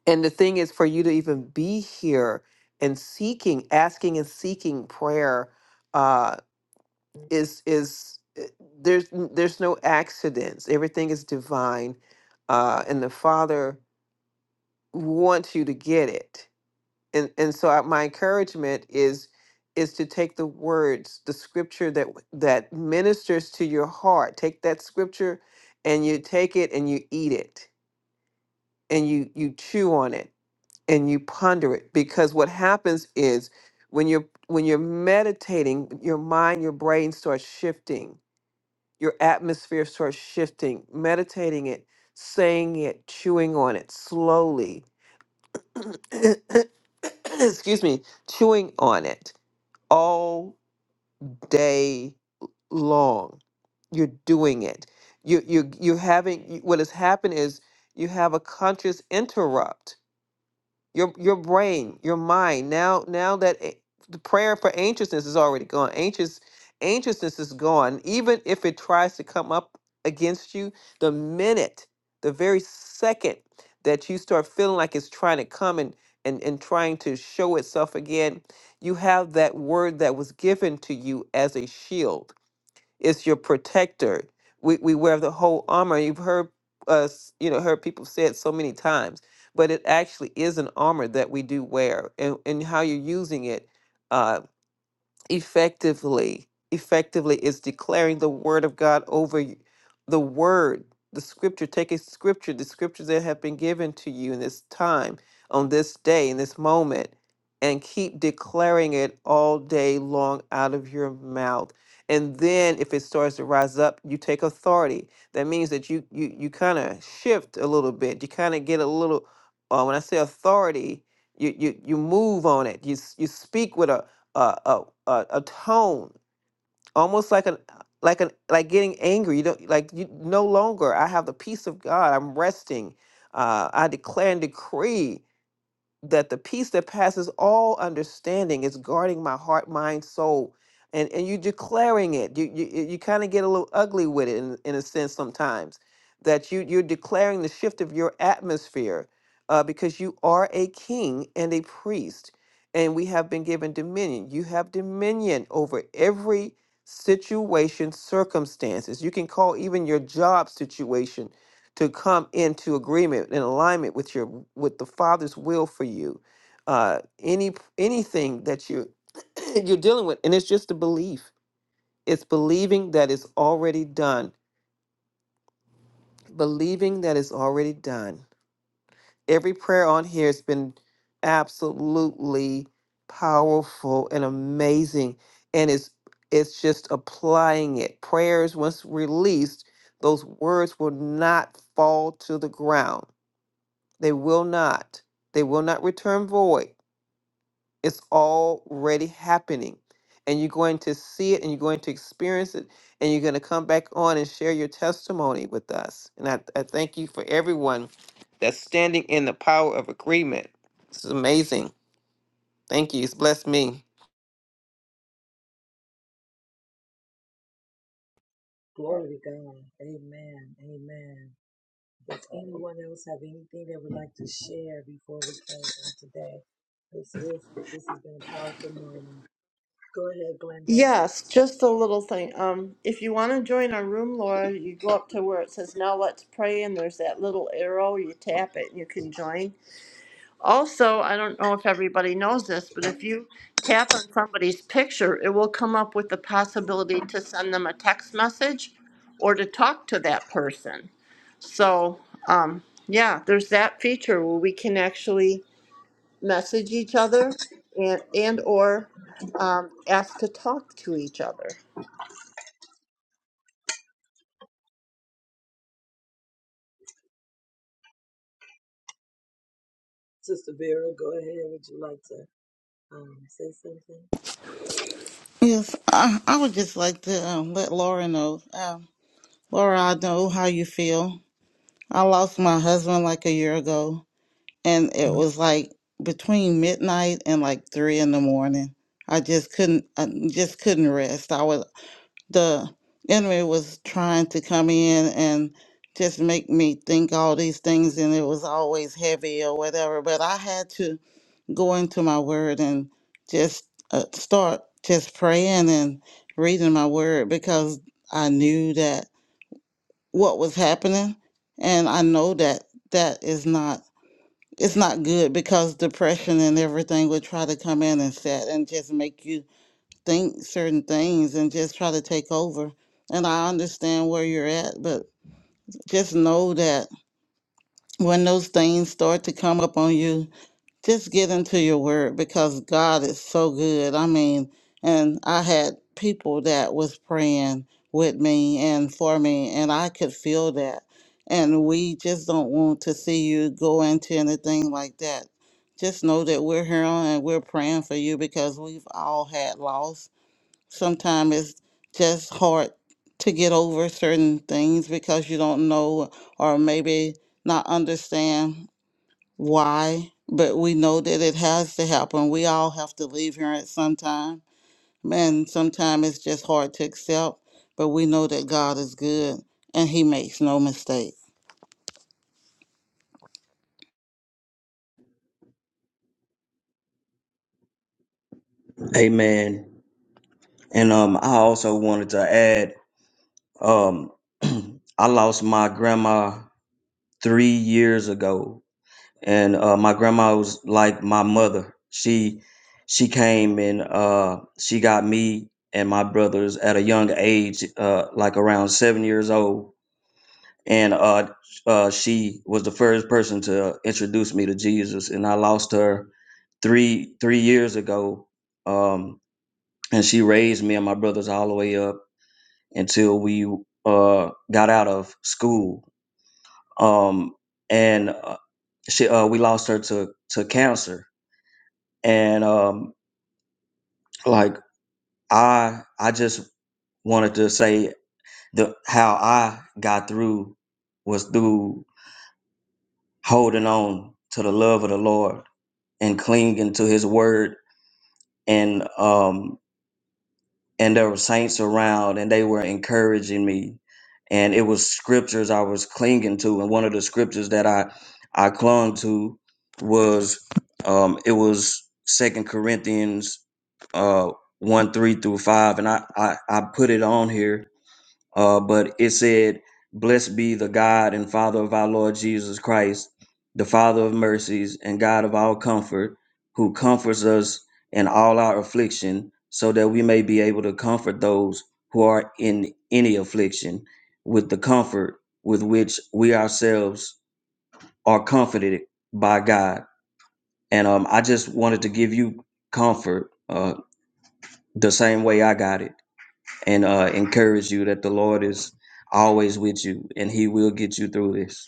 Speaker 8: and the thing is for you to even be here and seeking asking and seeking prayer uh, is is uh, there's n- there's no accidents. Everything is divine, uh, and the Father wants you to get it. And and so I, my encouragement is is to take the words, the scripture that w- that ministers to your heart. Take that scripture, and you take it and you eat it, and you you chew on it and you ponder it. Because what happens is when you're when you're meditating, your mind, your brain starts shifting your atmosphere starts shifting, meditating it, saying it, chewing on it slowly. Excuse me, chewing on it all day long. You're doing it. You you you having you- what has happened is you have a conscious interrupt your your brain, your mind. Now now that a- the prayer for anxiousness is already gone. Anxious anxiousness is gone. Even if it tries to come up against you, the minute, the very second that you start feeling like it's trying to come and and, and trying to show itself again, you have that word that was given to you as a shield it's your protector. We, we wear the whole armor. You've heard us, you know, heard people say it so many times, but it actually is an armor that we do wear, and, and how you're using it. Uh, effectively effectively is declaring the word of god over y- the word the scripture take a scripture the scriptures that have been given to you in this time on this day in this moment and keep declaring it all day long out of your mouth and then if it starts to rise up you take authority that means that you you, you kind of shift a little bit you kind of get a little uh, when i say authority you, you you move on it you s- you speak with a a a, a tone, almost like an like an like getting angry. You don't like you no longer. I have the peace of God. I'm resting. Uh, I declare and decree that the peace that passes all understanding is guarding my heart, mind, soul. And and you declaring it. You you you kind of get a little ugly with it in, in a sense sometimes. That you you're declaring the shift of your atmosphere uh, because you are a king and a priest, and we have been given dominion. You have dominion over every situation, circumstances. You can call even your job situation to come into agreement and alignment with your with the father's will for you uh any anything that you you're dealing with and it's just a belief it's believing that it's already done believing that it's already done every prayer on here has been absolutely powerful and amazing and it's it's just applying it prayers once released those words will not fall to the ground They will not. They will not return void. It's already happening. And you're going to see it and you're going to experience it. And you're going to come back on and share your testimony with us. And I, I thank you for everyone that's standing in the power of agreement. This is amazing. Thank you. It's blessed me.
Speaker 3: Yes, just a little thing. Um, if you want to join our room, Laura, you go up to where it says now let's pray and there's that little arrow, you tap it and you can join. Also, I don't know if everybody knows this, but if you tap on somebody's picture, it will come up with the possibility to send them a text message or to talk to that person. So, um, yeah, there's that feature where we can actually message each other and and or um, ask to talk to each other.
Speaker 11: Yes, I, I would just like to um, let Laura know. Um, Laura, I know how you feel. I lost my husband like a year ago, and it was like between midnight and like three in the morning. I just couldn't, I just couldn't rest. I was the enemy was trying to come in and just make me think all these things, and it was always heavy or whatever. But I had to go into my word and just uh, start just praying and reading my word because I knew that what was happening and I know that that is not it's not good because depression and everything would try to come in and set and just make you think certain things and just try to take over and I understand where you're at but just know that when those things start to come up on you just get into your word because God is so good. I mean, and I had people that was praying with me and for me, and I could feel that. And we just don't want to see you go into anything like that. Just know that we're here and we're praying for you because we've all had loss. Sometimes it's just hard to get over certain things because you don't know or maybe not understand why, but we know that it has to happen. We all have to leave here at some time. Man, sometimes it's just hard to accept, but we know that God is good and He makes no mistake.
Speaker 5: Amen. And um, I also wanted to add, um, I lost my grandma three years ago, and uh, my grandma was like my mother. She she came and uh, she got me and my brothers at a young age, uh, like around seven years old and uh, uh, she was the first person to introduce me to Jesus. And I lost her three three years ago, um, and she raised me and my brothers all the way up until we uh, got out of school. Um, and uh, she uh, we lost her to to cancer. And um, like I I just wanted to say the how I got through was through holding on to the love of the Lord and clinging to his word and um and there were saints around and they were encouraging me and it was scriptures i was clinging to and one of the scriptures that i i clung to was um it was second corinthians uh 1 3 through 5 and I, I i put it on here uh, but it said, Blessed be the God and Father of our Lord Jesus Christ, the Father of mercies and God of all comfort, who comforts us in all our affliction, so that we may be able to comfort those who are in any affliction with the comfort with which we ourselves are comforted by God. And um, I just wanted to give you comfort uh, the same way I got it and uh, encourage you that the Lord is always with you and He will get you through this.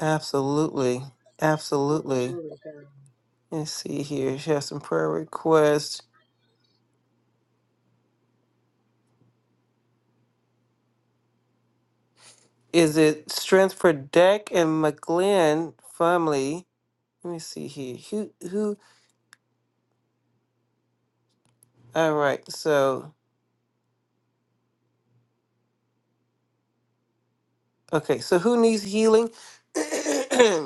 Speaker 8: Absolutely. Absolutely. Let's see here. She has some prayer requests. Is it strength for Deck and McGlynn family? Let me see here. Who who All right. So, okay. So who needs healing?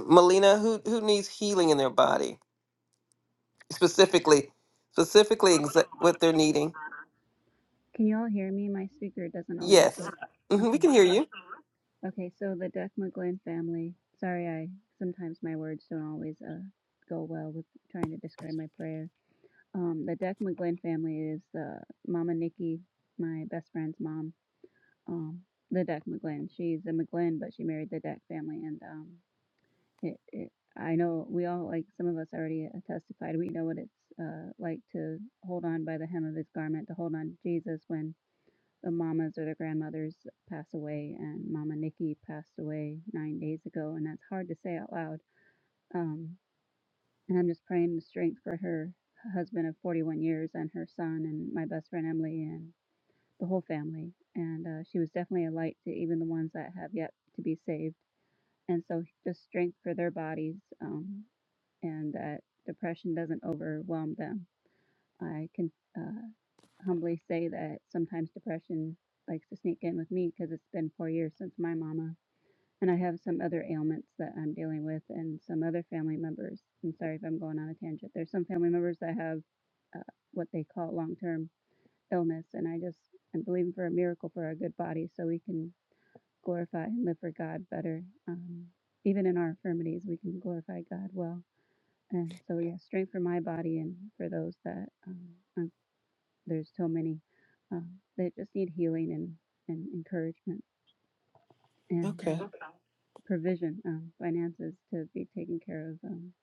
Speaker 8: Melina, who who needs healing in their body? Specifically, specifically exa- what they're needing.
Speaker 12: Can you all hear me? My speaker doesn't always
Speaker 8: Yes.
Speaker 12: work.
Speaker 8: hmm we
Speaker 12: Okay.
Speaker 8: can hear
Speaker 12: so-
Speaker 8: you.
Speaker 12: Okay, so the Dech Dechmaglen family. Sorry, I sometimes my words don't always uh, go well with trying to describe my prayer. Um, the Dech Dechmaglen family is uh, Mama Nikki, my best friend's mom. Um, the Dech McGlynn. She's a McGlynn, but she married the Dech family, and um, it, it, I know we all like some of us already uh, testified. We know what it's uh, like to hold on by the hem of his garment, to hold on to Jesus when the mamas or the grandmothers pass away. And Mama Nikki passed away nine days ago, and that's hard to say out loud. Um, and I'm just praying the strength for her husband of 41 years and her son and my best friend Emily and the whole family. And uh, she was definitely a light to even the ones that have yet to be saved and so just strength for their bodies. Um, and that depression doesn't overwhelm them. I can uh, humbly say that sometimes depression likes to sneak in with me because it's been four years since my mama, and I have some other ailments that I'm dealing with, and some other family members. I'm sorry if I'm going on a tangent. There's some family members that have uh, what they call long-term illness, and I just I'm believing for a miracle for our good body so we can glorify and live for God better. Um, even in our infirmities, we can glorify God well and so, yeah, strength for my body and for those that um, um, there's so many um, that just need healing and, and encouragement and uh,
Speaker 8: Okay.
Speaker 12: Okay. provision, um, finances to be taken care of. Um,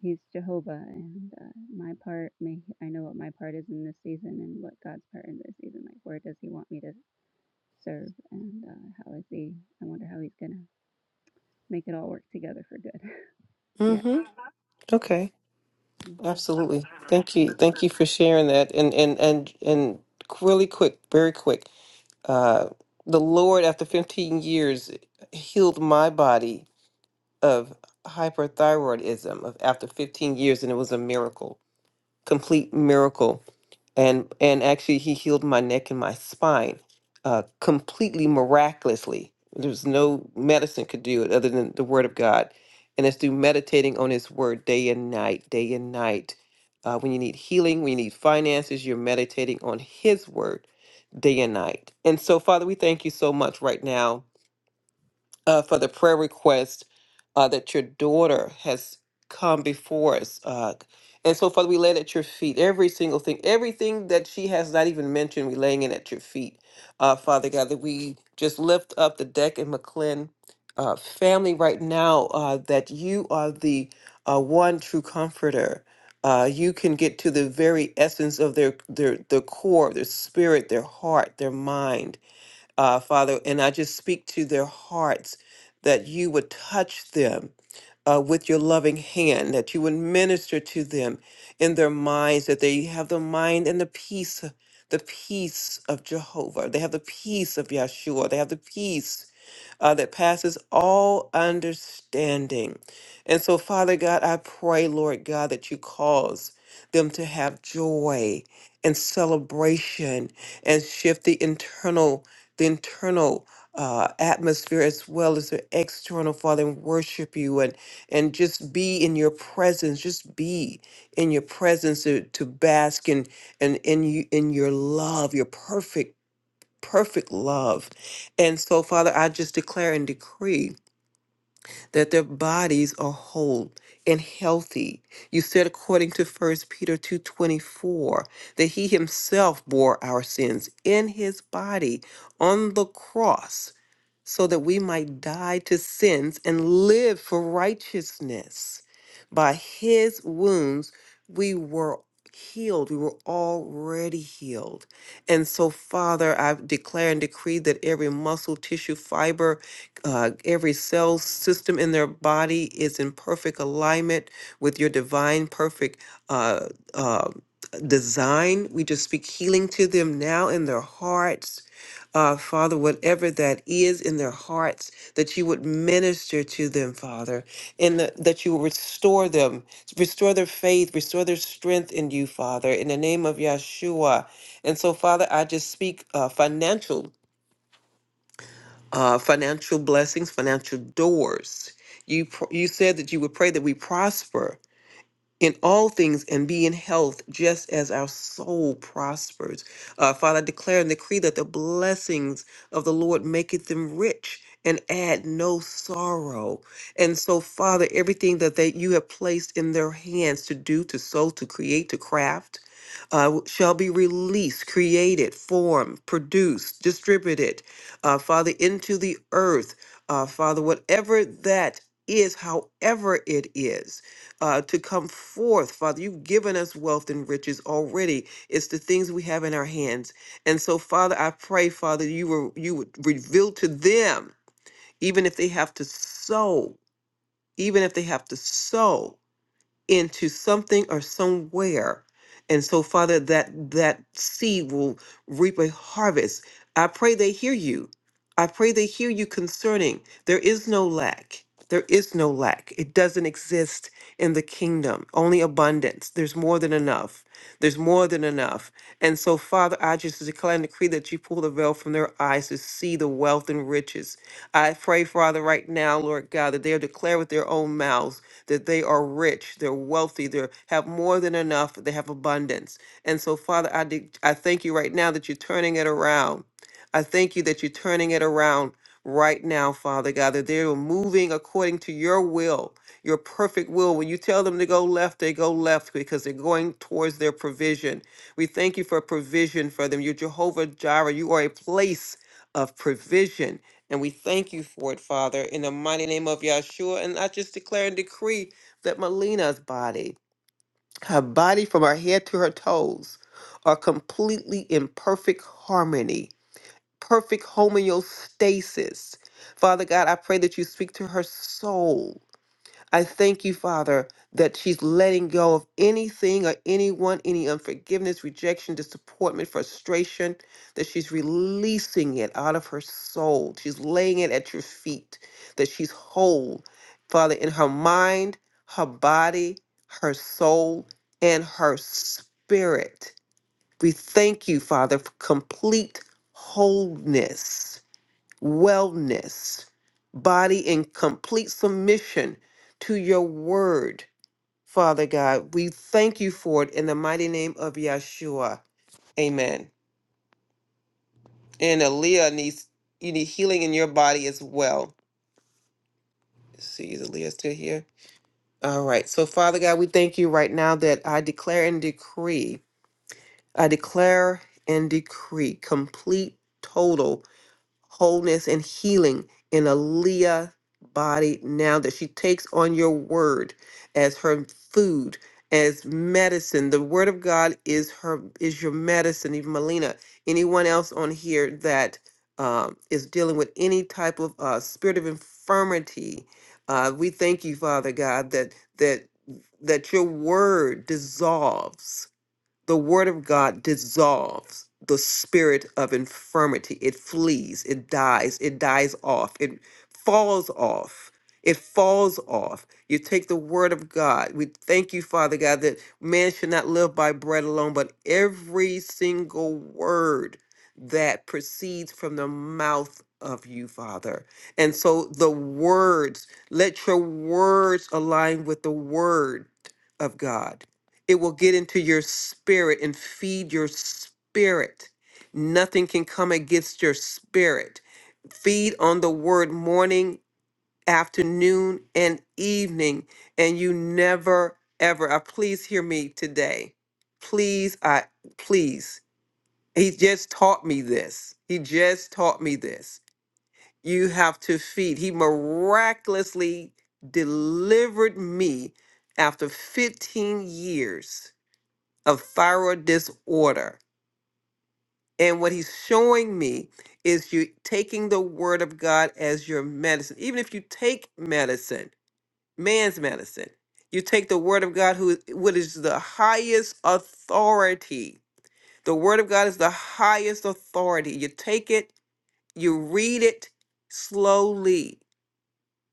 Speaker 12: he's Jehovah, and uh, my part may I know what my part is in this season and what God's part in this season. Like, where does He want me to serve, and uh, how is He? I wonder how He's gonna make it all work together for good.
Speaker 8: Mm-hmm. Okay.
Speaker 12: yeah.
Speaker 8: Absolutely. Thank you. Thank you for sharing that. And and and and really quick, very quick. Uh the Lord after 15 years healed my body of hyperthyroidism of after 15 years and it was a miracle complete miracle and and actually he healed my neck and my spine uh completely miraculously there's no medicine could do it other than the word of god and it's through meditating on his word day and night day and night uh, when you need healing when you need finances you're meditating on his word day and night and so father we thank you so much right now uh, for the prayer request uh, that your daughter has come before us. Uh, and so, Father, we lay it at your feet every single thing, everything that she has not even mentioned, we laying it at your feet. Uh, Father God, that we just lift up the Deck and McClin uh, family right now, uh, that you are the uh, one true comforter. Uh, you can get to the very essence of their, their, their core, their spirit, their heart, their mind uh, Father, and I just speak to their hearts that you would touch them uh, with your loving hand, that you would minister to them in their minds, that they have the mind and the peace, the peace of Jehovah. They have the peace of Yahshua. They have the peace uh, that passes all understanding. And so, Father God, I pray, Lord God, that you cause them to have joy and celebration and shift the internal, the internal. Uh, atmosphere as well as the external father and worship you and and just be in your presence just be in your presence to, to bask in and in in you in your love your perfect perfect love. And so, Father, I just declare and decree that their bodies are whole and healthy. You said according to First Peter 2:24 that he himself bore our sins in his body on the cross so that we might die to sins and live for righteousness. By his wounds, we were healed. We were already healed. And so, Father, I declare and decree that every muscle, tissue, fiber, uh, every cell system in their body is in perfect alignment with your divine, perfect. Uh, uh, Design. We just speak healing to them now in their hearts uh, Father, whatever that is in their hearts, that you would minister to them, Father, and the, that you will restore them, restore their faith, restore their strength in you, Father, in the name of Yeshua. And so, Father, I just speak uh, financial, uh, financial blessings, financial doors. You pr- you said that you would pray that we prosper in all things and be in health, just as our soul prospers. Uh, Father, I declare and decree that the blessings of the Lord maketh them rich and add no sorrow. And so, Father, everything that they, you have placed in their hands to do, to sow, to create, to craft, uh, w- shall be released, created, formed, produced, distributed, uh, Father, into the earth. Uh, Father, whatever that is, however it is uh, to come forth, Father. You've given us wealth and riches already. It's the things we have in our hands. And so, Father, I pray, Father, you were you would reveal to them, even if they have to sow, even if they have to sow into something or somewhere. And so, Father, that that seed will reap a harvest. I pray they hear you. I pray they hear you concerning there is no lack. There is no lack. It doesn't exist in the kingdom. Only abundance. There's more than enough. There's more than enough. And so, Father, I just declare and decree that you pull the veil from their eyes to see the wealth and riches. I pray, Father, right now, Lord God, that they are declare with their own mouths that they are rich, they're wealthy, they have more than enough, they have abundance. And so, Father, I, de- I thank you right now that you're turning it around. I thank you that you're turning it around right now, Father God, that they're moving according to your will, your perfect will. When you tell them to go left, they go left because they're going towards their provision. We thank you for provision for them. You're Jehovah Jireh. You are a place of provision. And we thank you for it, Father, in the mighty name of Yahshua. And I just declare and decree that Melina's body, her body from her head to her toes, are completely in perfect harmony, perfect homeostasis. Father God, I pray that you speak to her soul I thank you, Father, that she's letting go of anything or anyone, any unforgiveness, rejection, disappointment, frustration, that she's releasing it out of her soul. She's laying it at your feet, that she's whole, Father, in her mind, her body, her soul, and her spirit. We thank you, Father, for complete wholeness wellness, body in complete submission to your word, Father God. We thank you for it in the mighty name of Yeshua. Amen. And Aaliyah needs you need healing in your body as well. Let's See, is Aaliyah still here? All right. So, Father God, we thank you right now that I declare and decree. I declare and decree complete, total wholeness and healing in a body now that she takes on your word as her food, as medicine. The word of God is her is your medicine. Even Melina, anyone else on here that um, is dealing with any type of uh, spirit of infirmity, uh, we thank you, Father God, that that that your word dissolves the word of God dissolves the spirit of infirmity. It flees, it dies, it dies off, it falls off. It falls off. You take the word of God. We thank you, Father God, that man should not live by bread alone, but every single word that proceeds from the mouth of you, Father. And so the words, let your words align with the word of God it will get into your spirit and feed your spirit. Nothing can come against your spirit. Feed on the word morning, afternoon, and evening, and you never ever. Uh, please hear me today. Please, I please. He just taught me this. He just taught me this. You have to feed. He miraculously delivered me after 15 years of thyroid disorder. And what he's showing me is you taking the word of God as your medicine. Even if you take medicine, man's medicine, you take the word of God, who what is the highest authority. The word of God is the highest authority. You take it, you read it slowly,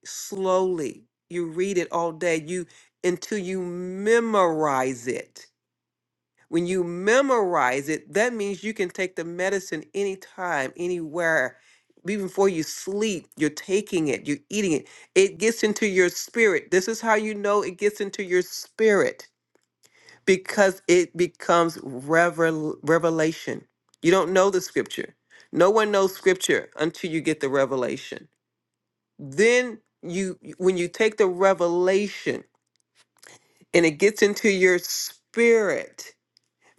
Speaker 8: slowly. You read it all day. You until you memorize it When you memorize it, that means you can take the medicine anytime, anywhere. Even before you sleep, you're taking it, you're eating it. It gets into your spirit. This is how you know it gets into your spirit because it becomes revel- revelation. You don't know the scripture. No one knows scripture until you get the revelation. Then you when you take the revelation and it gets into your spirit,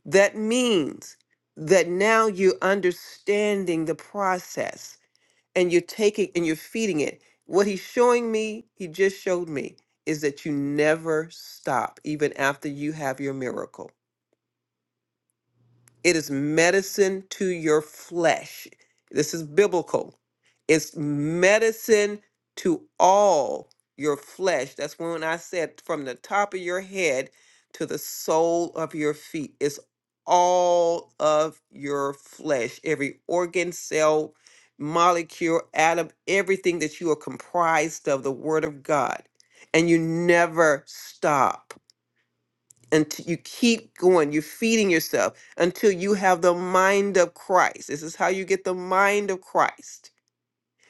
Speaker 8: that means that now you're understanding the process and you're taking and you're feeding it. What he's showing me, he just showed me, is that you never stop even after you have your miracle it is medicine to your flesh. This is biblical. It's medicine to all your flesh. That's when I said from the top of your head to the sole of your feet. It's all of your flesh, every organ, cell, molecule, atom, everything that you are comprised of, the Word of God. And you never stop until you keep going you're feeding yourself until you have the mind of christ this is how you get the mind of christ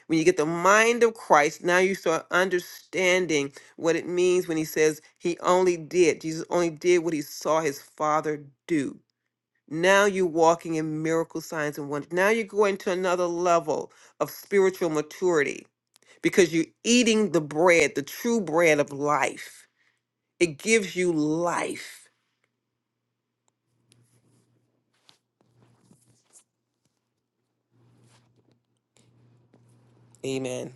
Speaker 8: when you get the mind of christ now you start understanding what it means when he says he only did jesus only did what he saw his father do now you're walking in miracle signs and wonders now you're going to another level of spiritual maturity because you're eating the bread the true bread of life it gives you life amen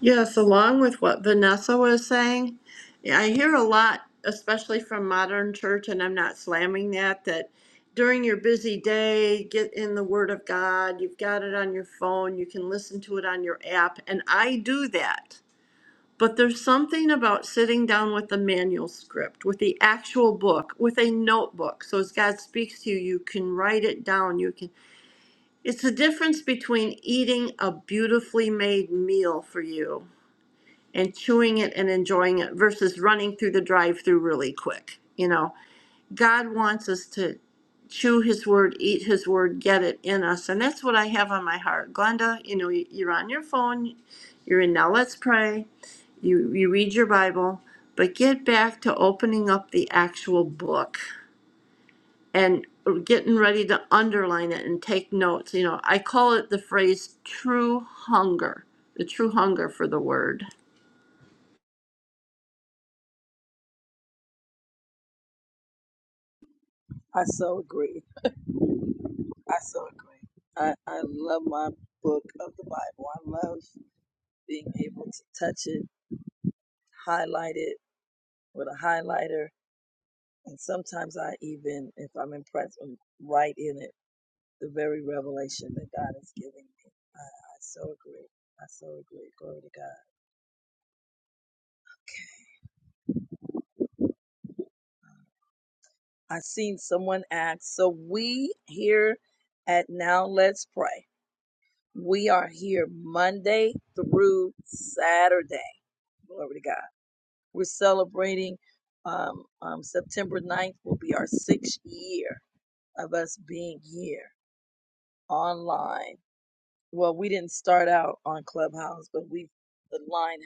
Speaker 3: Yes, along with what Vanessa was saying, yeah, I hear a lot, especially from modern church, and I'm not slamming that, that during your busy day, get in the Word of God. You've got it on your phone, you can listen to it on your app, and I do that. But there's something about sitting down with the manual script, with the actual book, with a notebook. So as God speaks to you, you can write it down. You can. It's the difference between eating a beautifully made meal for you and chewing it and enjoying it versus running through the drive-through really quick. You know, God wants us to chew his word, eat his word, get it in us. And that's what I have on my heart. Glenda, you know, you- are on your phone, you're in now let's pray. You you read your Bible, but get back to opening up the actual book and getting ready to underline it and take notes. You know, I call it the phrase true hunger, the true hunger for the word.